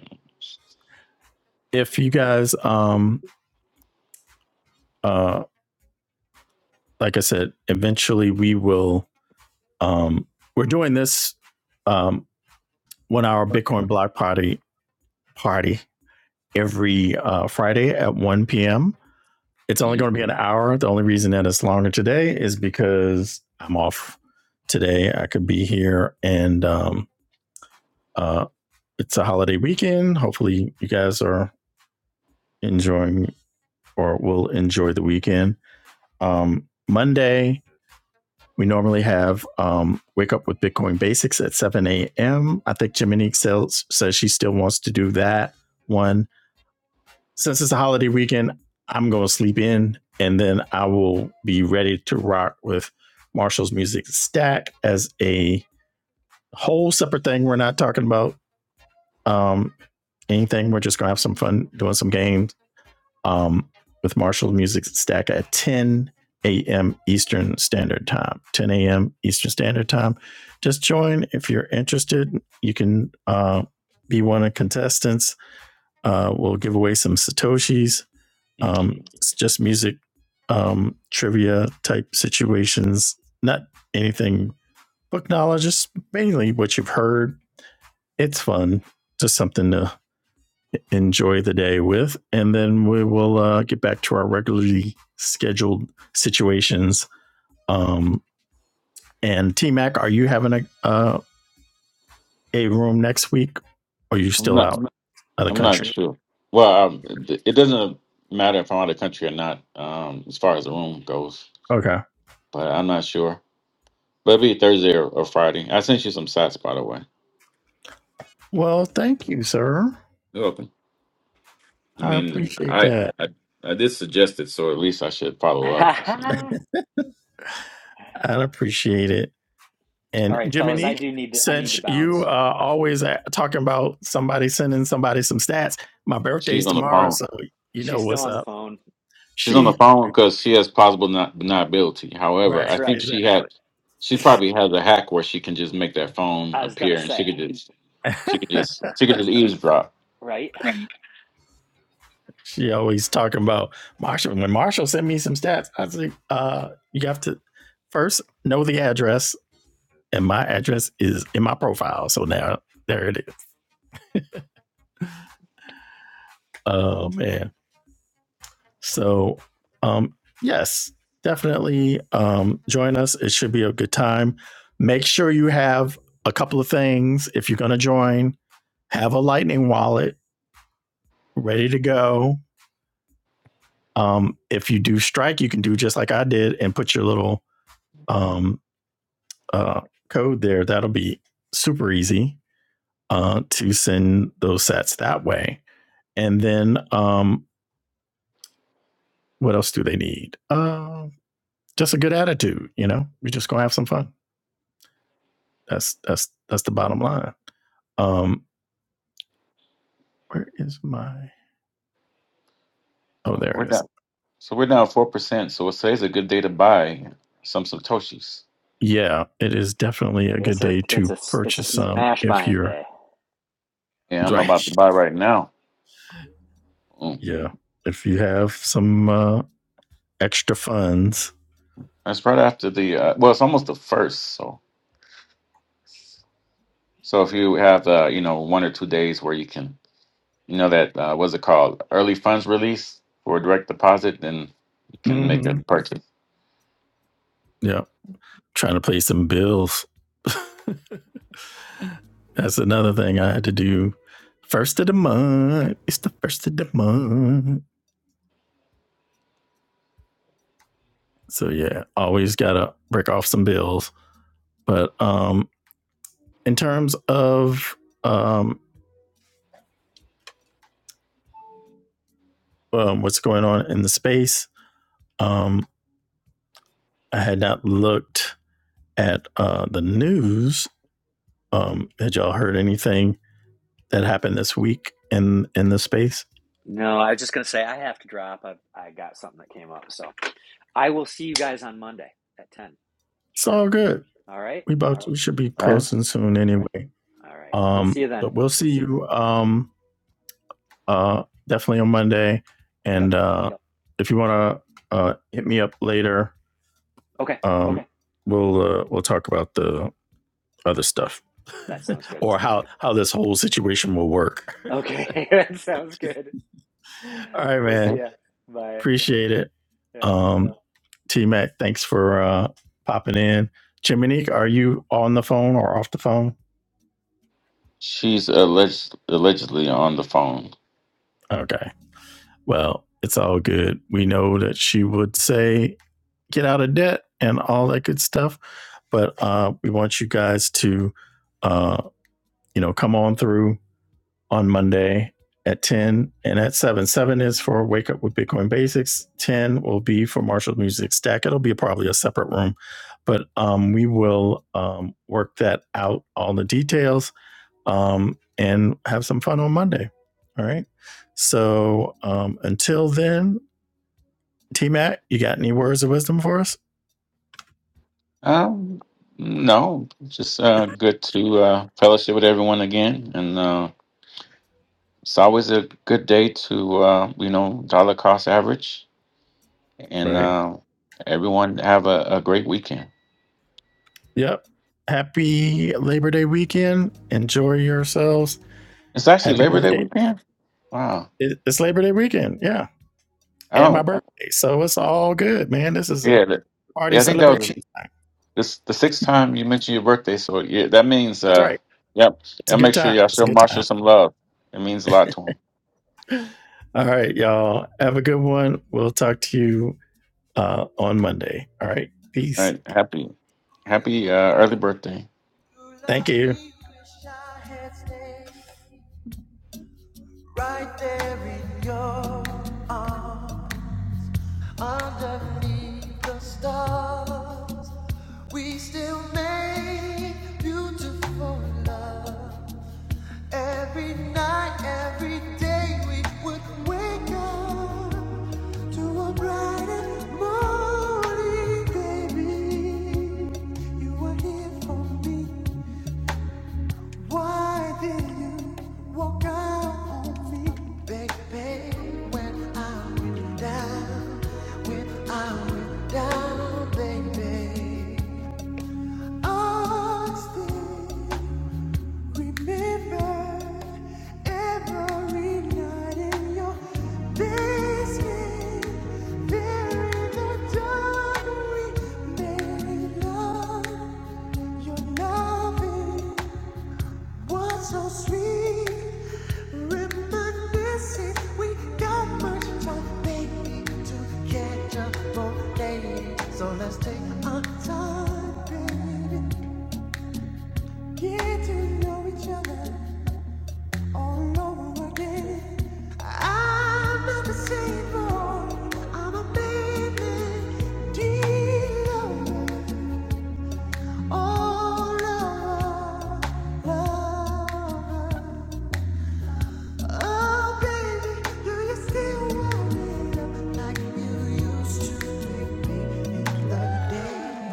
if you guys um uh, like I said, eventually we will. Um, we're doing this um, one hour Bitcoin block party party every uh, Friday at 1 p.m. It's only you- going to be an hour. The only reason that it's longer today is because I'm off today. I could be here, and um, uh, it's a holiday weekend. Hopefully, you guys are enjoying or will enjoy the weekend. Um, Monday, We normally have um, Wake Up with Bitcoin Basics at 7 a.m. I think Jiminique sells, says she still wants to do that one. Since it's a holiday weekend, I'm going to sleep in and then I will be ready to rock with Marshall's Music Stack as a whole separate thing. We're not talking about um, anything. We're just going to have some fun doing some games um, with Marshall Music Stack at 10 a.m. Eastern Standard Time. 10 a.m. Eastern Standard Time. Just join if you're interested. You can uh, be one of the contestants. Uh, we'll give away some Satoshis. okay. Um, it's just music um, trivia type situations, not anything book knowledge, just mainly what you've heard. It's fun, just something to enjoy the day with. And then we will uh, get back to our regularly scheduled situations. Um, and T Mac, are you having a uh, a room next week? Or are you I'm still not. out of the I'm not country? sure. Well, um, it it doesn't matter if I'm out of the country or not. Um, as far as the room goes, Okay. but I'm not sure. But it'll be Thursday or, or Friday. I sent you some sites, by the way. Well, thank you, sir. You're welcome. I I mean, appreciate I, that. I I did suggest it, so at least I should follow up. with I appreciate it. All And right, fellas, I Jiminy, do need to I need to since you bounce. are uh, always a- talking about somebody sending somebody some stats, my birthday's She's on the tomorrow, phone. so you know She's still what's on the up. phone. She's on the She phone because she has possible not deniability. However, right, That's I think right. she exactly. had she probably has a hack where she can just make that phone I was gonna appear, and say, she could just she could just she could just eavesdrop. right? She always talking about Marshall. When Marshall sent me some stats, I was like, uh, you have to first know the address, and my address is in my profile. So now there it is. Oh man. So um yes, definitely um join us. It should be a good time. Make sure you have a couple of things if you're gonna join. Have a lightning wallet ready to go. Um, if you do strike, you can do just like I did and put your little um uh, code there, that'll be super easy uh, to send those sets that way. And then um, what else do they need? Uh, just a good attitude, you know. We're just gonna have some fun. That's that's that's the bottom line. Um, where is my? Oh, So there we're it is. down. So we're down four percent. So today's a good day to buy some satoshis, Yeah, it is definitely a good It's a day it's to a it's a purchase some smash if buying you're day. Yeah, I'm right. about to buy right now. Mm. Yeah, if you have some uh, extra funds. That's right after the uh, well, it's almost the first. So so if you have uh, you know one or two days where you can You know that uh, what's it called? Early funds release for direct deposit, then you can make a Mm-hmm. purchase. Yeah, trying to pay some bills. That's another thing I had to do. First of the month. It's the first of the month. So yeah, always gotta break off some bills. But um in terms of um, um what's going on in the space, um I had not looked at uh the news. Um had y'all heard anything that happened this week in in the space? No, I was just gonna say I have to drop. I I got something that came up, so I will see you guys on Monday at ten It's sharp. all good. All right, We about to, we should be All right. closing soon anyway. all right. We'll see Um you then. but we'll see you um uh, definitely on Monday. Yep. And uh, Yep. if you want to uh, hit me up later, Okay, um, Okay. we'll uh, we'll talk about the other stuff that sounds good. or how how this whole situation will work. Okay, that sounds good. All right, We'll man. see Yep. ya. Bye. Appreciate it. Yeah. Um, T Mac, thanks for uh, popping in. Chiminique, are you on the phone or off the phone? She's alleged allegedly on the phone. Okay. Well, it's all good. We know that she would say get out of debt and all that good stuff. But uh, we want you guys to, uh, you know, come on through on Monday at 10 and at 7. 7 is for Wake Up with Bitcoin Basics. 10 will be for Marshall Music Stack. It'll be probably a separate room, but um, we will um, work that out, all the details, um, and have some fun on Monday. All right. So um, until then, T Mac, you got any words of wisdom for us? Um, no, just uh, good to uh, fellowship with everyone again, and uh, it's always a good day to uh, you know dollar cost average, and Right. uh, everyone have a, a great weekend. Yep. Happy Labor Day weekend. Enjoy yourselves. It's actually Happy Labor Day birthday. weekend. Wow. It's Labor Day weekend. Yeah. I And my don't. birthday. So it's all good, man. This is a Yeah. that- party Yeah. I think that was. celebration. time. This the sixth time you mentioned your birthday, so yeah, that means That's uh, right. yep. It's a Y'all good make sure time. y'all It's a show good Marshall time. some love. It means a lot to him. All All right, y'all. Have a good one. We'll talk to you uh, on Monday. All right. Peace. right, happy, happy uh, early birthday. Thank you. Right there in your arm, underneath the stars. We still make beautiful love. Every night, every day, we would wake up to a bright and morning, baby. You were here for me. Why did you walk out on me, baby? When I went down, when I went down, baby. I still remember every night in your basement. There in the dark, we made love. Your loving was so sweet. Reminiscing, we got much time, baby, to catch up on dating. So let's take our time, baby. Get to know each other all over again. I'm not the same boy. I'm a baby. Dear lover, oh lover, lover. Oh baby, do you still want me like you used to make me in the day?